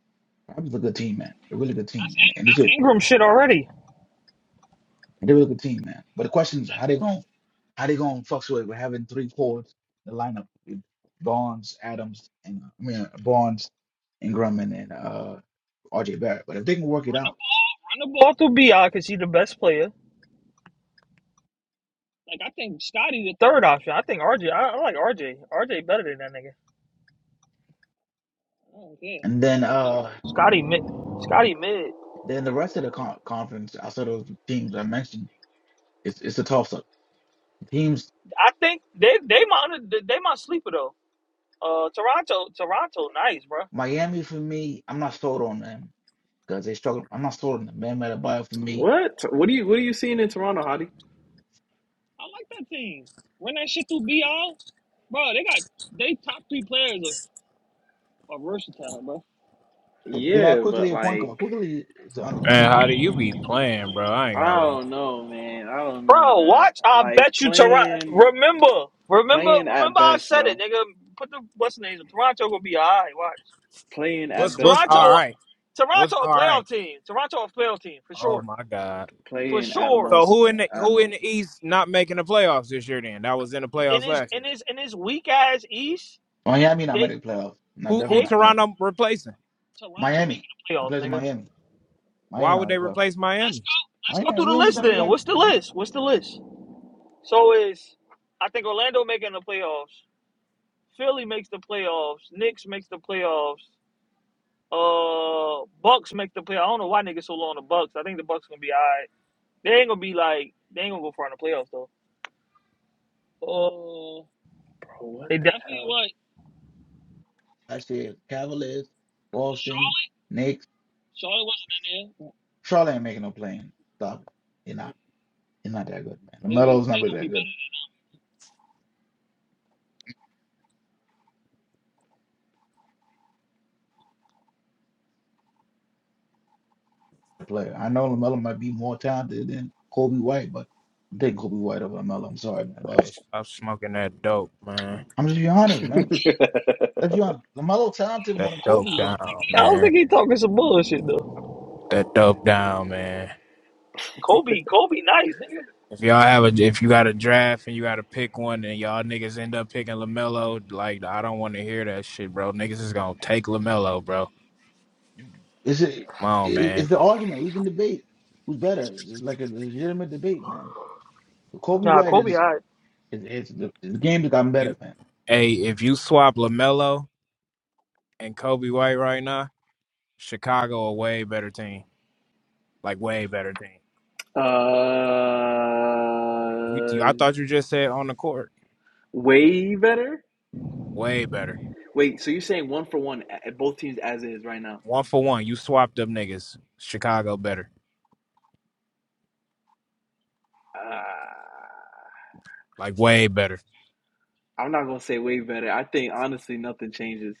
S9: Raptors a good team, man. A really good team, and, and it's
S3: that's
S9: good.
S3: Ingram shit already.
S9: And they're a good team, man. But the question is, how they going to how they gonna fluctuate with having three forwards in the lineup with Bonds, Adams, and uh, I mean Bonds, Ingram, and, and uh, RJ Barrett. But if they can work it out,
S3: Run the ball through Bi because he's the best player. Like I think Scotty the third option. I think RJ. like R. J. R. J. better than that nigga. I do
S9: and
S3: I
S9: then
S3: like RJ.
S9: uh
S3: Scotty mid. Scotty mid.
S9: then the rest of the con- conference outside of the teams I mentioned, it's it's a toss up. Teams
S3: I think they they might they might sleeper though. Uh, Toronto Toronto nice, bro. I
S9: Miami for me, I'm not sold on them because they struggle. I'm not sold on them. They made a for me.
S6: What? What do you what are you seeing in Toronto, Hottie?
S3: like that team. Run that shit through Bi, bro. They got they top three players are, are versatile, bro.
S9: They got
S6: Yeah,
S9: quickly
S6: but
S9: a point guard.
S6: like
S9: Quickly is an underrated point
S1: Man,
S9: guard.
S1: how do you be playing, bro? I ain't gonna
S6: I
S1: lie.
S6: don't know, man. I don't know,
S3: Bro,
S6: man.
S3: watch. I
S6: Like
S3: bet you Toronto.
S6: playing,
S3: Remember, remember,
S6: playing at
S3: remember. I
S6: best,
S3: said it,
S6: bro.
S3: nigga. Put the what's the name? Toronto gonna be alright. Watch.
S6: Playing at
S1: What's what's
S6: best,
S1: all
S6: bro.
S3: Toronto,
S1: right?
S3: Toronto
S1: What's
S3: a
S1: all
S3: playoff
S1: right?
S3: team. Toronto a playoff team for
S1: Oh
S3: sure,
S1: my god.
S3: for
S6: Playing at
S3: sure.
S1: So
S6: most,
S1: who in
S6: man.
S1: the
S6: At
S1: who in
S6: most.
S1: the East not making the playoffs this year? Then that was in the
S3: In
S1: playoffs
S3: his
S1: last
S3: in
S1: year.
S3: his in his weak ass East,
S9: Miami not made
S3: they
S9: the playoff. No,
S1: Who
S9: definitely
S1: who
S3: they
S9: not Miami.
S1: Toronto replacing?
S3: Toronto making
S9: Miami,
S3: the
S9: the
S3: playoffs,
S9: players in
S3: nigga.
S9: Miami. Miami
S1: Why
S9: not
S1: would
S9: made
S1: they
S9: the playoff.
S1: replace
S3: Let's
S1: Miami?
S3: go. Let's go through
S9: Miami,
S3: the
S9: Miami
S3: list
S9: not really
S3: then.
S9: that
S3: What's the
S9: good, man.
S3: list? What's the list? So is I think Orlando making the playoffs. Philly makes the playoffs. Knicks makes the playoffs. Uh, Bucks make the play. I don't know why niggas so low on the Bucks. I think the Bucks gonna be alright. They ain't gonna be like they ain't gonna go far in the playoffs though. Oh, they definitely what?
S9: That shit. Cavaliers,
S3: Charlotte,
S9: Boston, Knicks,
S3: Charlotte wasn't in there.
S9: Charlotte ain't making no playing. Stop it. They're not. They're not that good, man.
S3: They gonna be
S9: Lamelo's not
S3: they
S9: really
S3: gonna be
S9: that good player. I know Lamelo might be more talented than Kobe White, but I think Kobe White over Lamelo. I'm sorry, man.
S1: Hey, stop smoking that dope, man.
S9: I'm just being honest, man. Let's be honest. Lamelo talented more
S1: That
S9: than
S1: dope
S9: Kobe was.
S1: down,
S3: better. I don't
S1: man.
S3: think he talking some bullshit though.
S1: That dope down, man.
S3: Kobe, Kobe, nice nigga.
S1: If y'all have a, if you got a draft and you got to pick one, and y'all niggas end up picking Lamelo, like I don't want to hear that shit, bro. Niggas is gonna take Lamelo, bro.
S9: It's a, it-
S1: Come on,
S9: it's
S1: man.
S9: the argument we can debate who's better. It's just like a legitimate debate, man. Kobe
S3: Nah,
S9: White
S3: Kobe,
S9: is
S3: alright.
S9: is, is the, the game has gotten
S1: You,
S9: better, man.
S1: hey, if you swap Lamelo and Kobe White right now, Chicago a way better team. Like way better team.
S6: Uh,
S1: You, you- I thought you just said on the court.
S6: way better.
S1: Way better.
S6: Wait, so you're saying one for one at both teams as is right now?
S1: One for one. You swapped up niggas. Chicago better.
S6: Uh,
S1: Like way better.
S6: I'm not gonna say way better. I think honestly, nothing changes.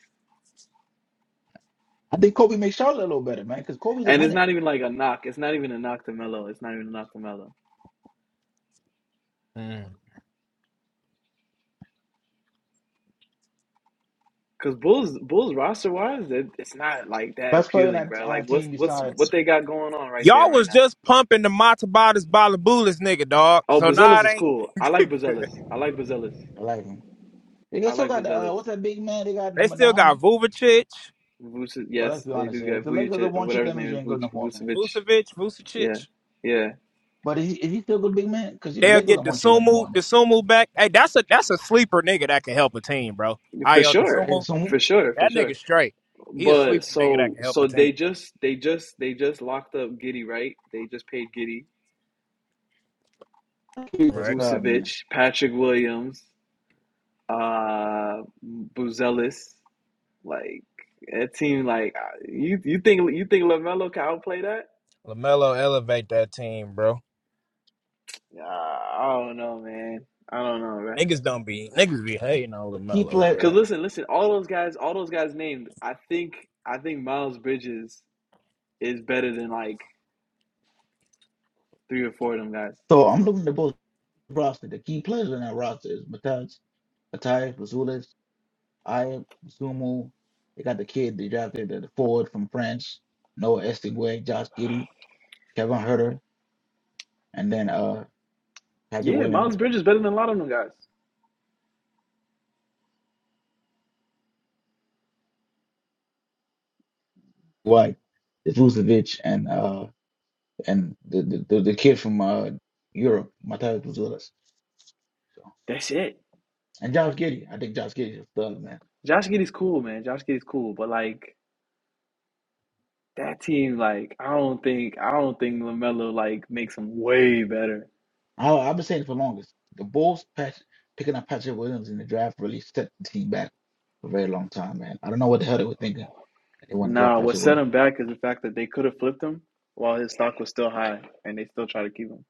S9: I think Kobe makes Charlotte a little better, man, because Kobe's a
S6: And it's
S9: winner.
S6: not even like a knock. It's not even a knock to Melo. It's not even a knock to Melo. Cause Bulls Bulls roster wise, that it's not like that
S9: Best player on our,
S6: appealing, bro.
S9: on our
S6: Like what's
S9: team
S6: what's
S9: beside
S6: what they got going on right there
S1: Y'all
S6: right
S1: was
S6: now?
S1: just pumping the Matabatas Balabulis nigga, dog.
S6: Oh,
S1: So now
S6: Bazelis is
S1: it
S6: cool. I
S1: ain't.
S6: like Bazelis. I like Bazelis.
S9: Lightning. They
S6: I
S9: also
S6: like
S9: got uh,
S6: Bazelis.
S9: what's that big man? They got
S1: [laughs] they
S9: number
S1: still got
S9: nine.
S1: Vucevic,
S6: Vuce,
S9: Well, let's
S6: yes,
S9: be
S6: they
S9: honest
S6: do
S9: here. If
S6: get
S9: the Lakers don't
S6: Vujic,
S9: want you,
S6: whatever
S9: that
S6: his
S9: means
S6: name
S9: you
S6: is,
S9: ain't good no
S6: Vuc-
S9: more, man.
S6: Vucevic.
S1: Vucevic,
S6: Yeah,
S1: Vucevic.
S6: yeah,
S9: But is he, is he still a good big man? Because the
S1: They'll
S9: Lakers
S1: get
S9: don't want you
S1: Desumu,
S9: anymore. Now.
S1: Desumu back. Hey, that's a that's a sleeper nigga that can help a team, bro.
S6: for
S1: Io
S9: I
S6: sure,
S1: Desumu,
S9: assume
S6: for sure, for
S1: that
S6: sure.
S1: nigga straight. He a
S6: But
S1: sleeper nigga that
S6: so
S1: can help a
S6: so they
S1: team.
S6: just they just they just locked up Giddy, right? They just paid Giddy,
S9: he's a
S1: Right.
S9: stud, man.
S6: Vucevic, Patrick Williams, uh, Buzelis. Like that team, like uh, you you think you think Lamelo can outplay that?
S1: Lamelo elevate that team, bro.
S6: Uh, I don't know, man. I don't know, man.
S1: Niggas don't be niggas be hating on
S9: The key
S1: Lamelo,
S9: player.
S1: bro.
S6: Cause listen, listen, all those guys, all those guys named, I think I think Miles Bridges is better than like three or four of them guys.
S9: So I'm looking at both roster. The key players in that roster is Mataj, Matai, Vazulis, Aya, Sumu. They got the kid they drafted, the the forward from France, Noah Estigwe, Josh Giddy, Kevin Herter, and then uh Patrick
S6: Yeah,
S9: Williams,
S6: Miles Bridges is better than a lot of them guys.
S9: White, Vucevic, and uh and the the, the, the kid from uh Europe, Matai Vazulis. So,
S6: That's it.
S9: and Josh Giddy. I think Josh Giddy is a stud, man.
S6: Josh Giddey's cool, man. Josh Giddey's cool, but like that team, like I don't think I don't think Lamelo like makes them way better.
S9: I, I've been saying it for longest. The Bulls patch, picking up Patrick Williams in the draft really set the team back for a very long time, man. I don't know what the hell they were thinking. They wouldn't draft
S6: Nah, what
S9: Patrick
S6: set
S9: Williams.
S6: him back is the fact that they could have flipped him while his stock was still high, and they still try to keep him.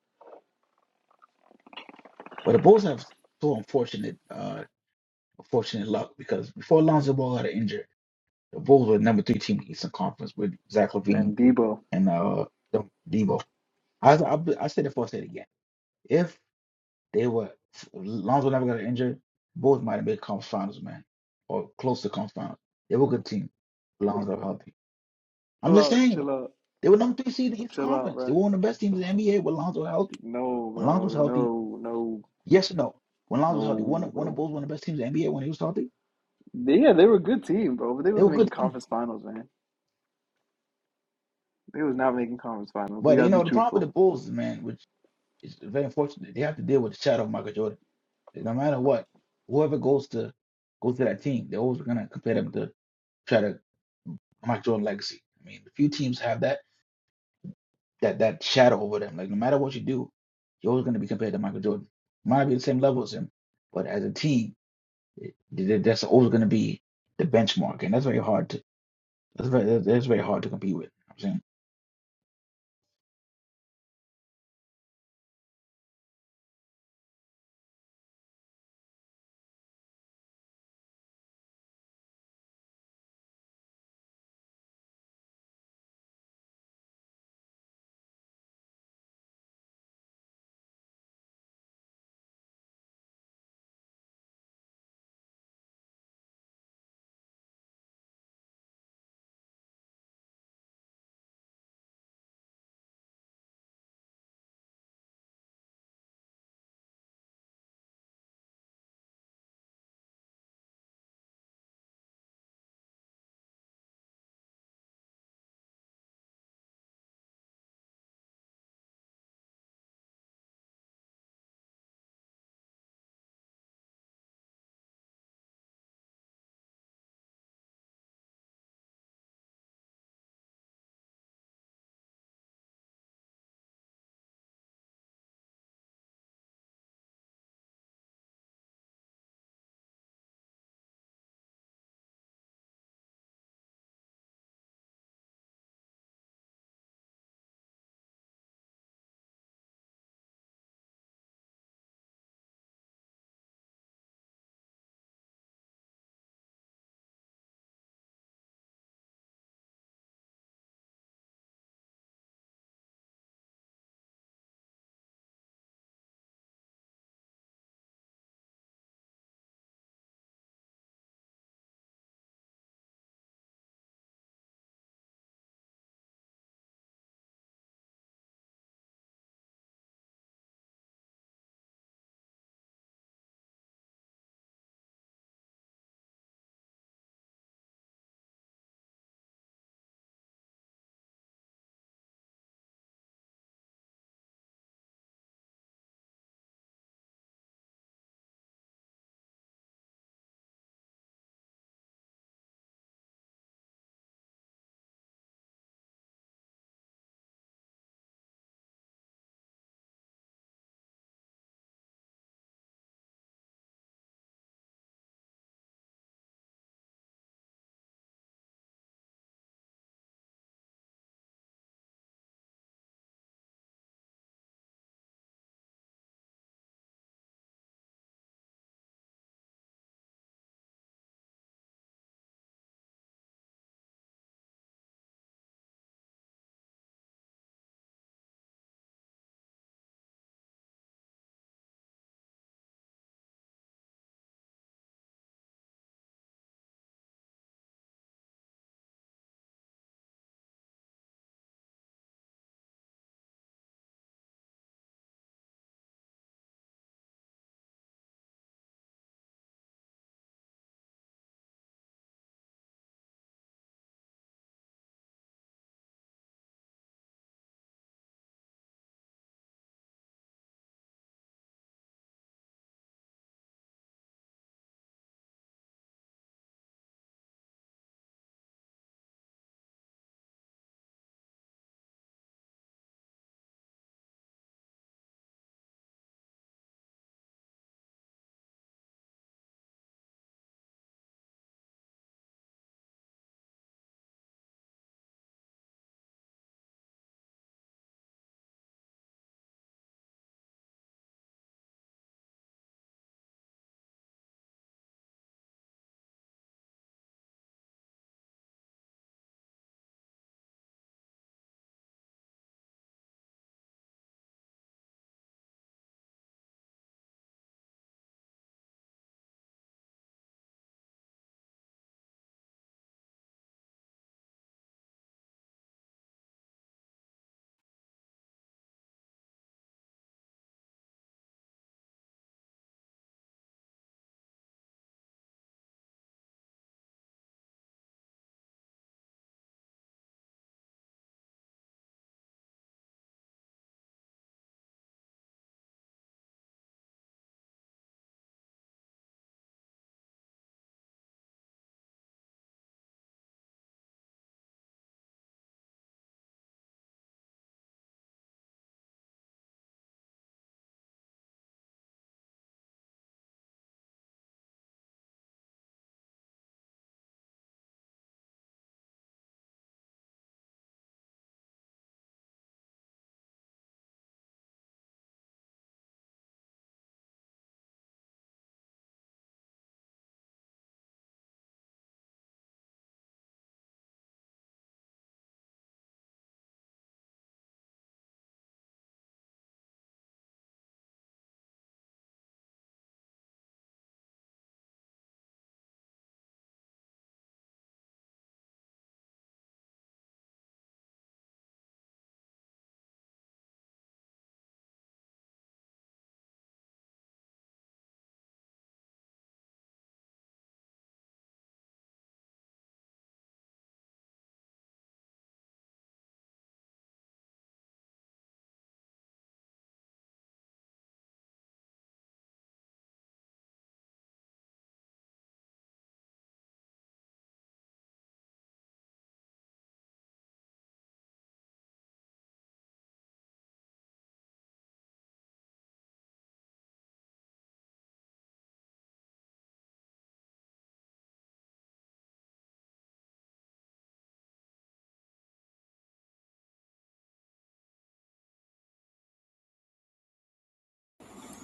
S9: But the Bulls have so unfortunate, uh, unfortunate luck because before Lonzo Ball got injured, the Bulls were the number three team in the Eastern Conference with Zach LaVine
S6: And Debo,
S9: and uh De- Debo. I I, I said it before, I said it again. If they were if Lonzo never got injured, Bulls might have made conference finals, man, or close to conference finals. They were a good team. Lonzo healthy. I'm
S6: chill
S9: just
S6: out,
S9: saying
S6: chill out,
S9: they were number three seed in the Eastern
S6: chill out,
S9: Conference. They
S6: bro.
S9: were one of the best teams in the NBA when Lonzo was healthy.
S6: No,
S9: When Lonzo was
S6: bro,
S9: healthy,
S6: no, no,
S9: yes or no? When Lonzo was healthy, one
S6: no,
S9: of one of the
S6: bro.
S9: Bulls one of the best teams in the NBA when he was healthy.
S6: They, yeah, they were a good team, bro, but they
S9: They
S6: was
S9: were
S6: not
S9: a
S6: making
S9: good team.
S6: conference finals, man. They was not making conference finals. We
S9: But
S6: gotta
S9: you know,
S6: be
S9: the problem with
S6: truthful.
S9: the Bulls, man, which is very unfortunate, they have to deal with the shadow of Michael Jordan. No matter what, whoever goes to goes to that team, they're always gonna compare them to try to Michael Jordan legacy. I mean, a few teams have that that that shadow over them. Like no matter what you do, you're always gonna be compared to Michael Jordan. Might be the same level as him, but as a team Th- That's always going to be the benchmark, and that's very hard to that's very that's very hard to compete with. You know what I'm saying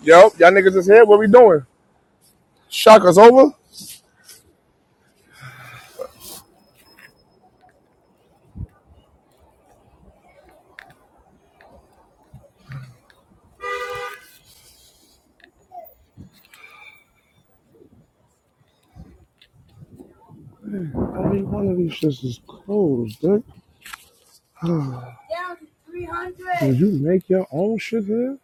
S8: Yo, y'all niggas is here. What we doing? Shock us over. One of these shits is closed, dude. You make your own shit here?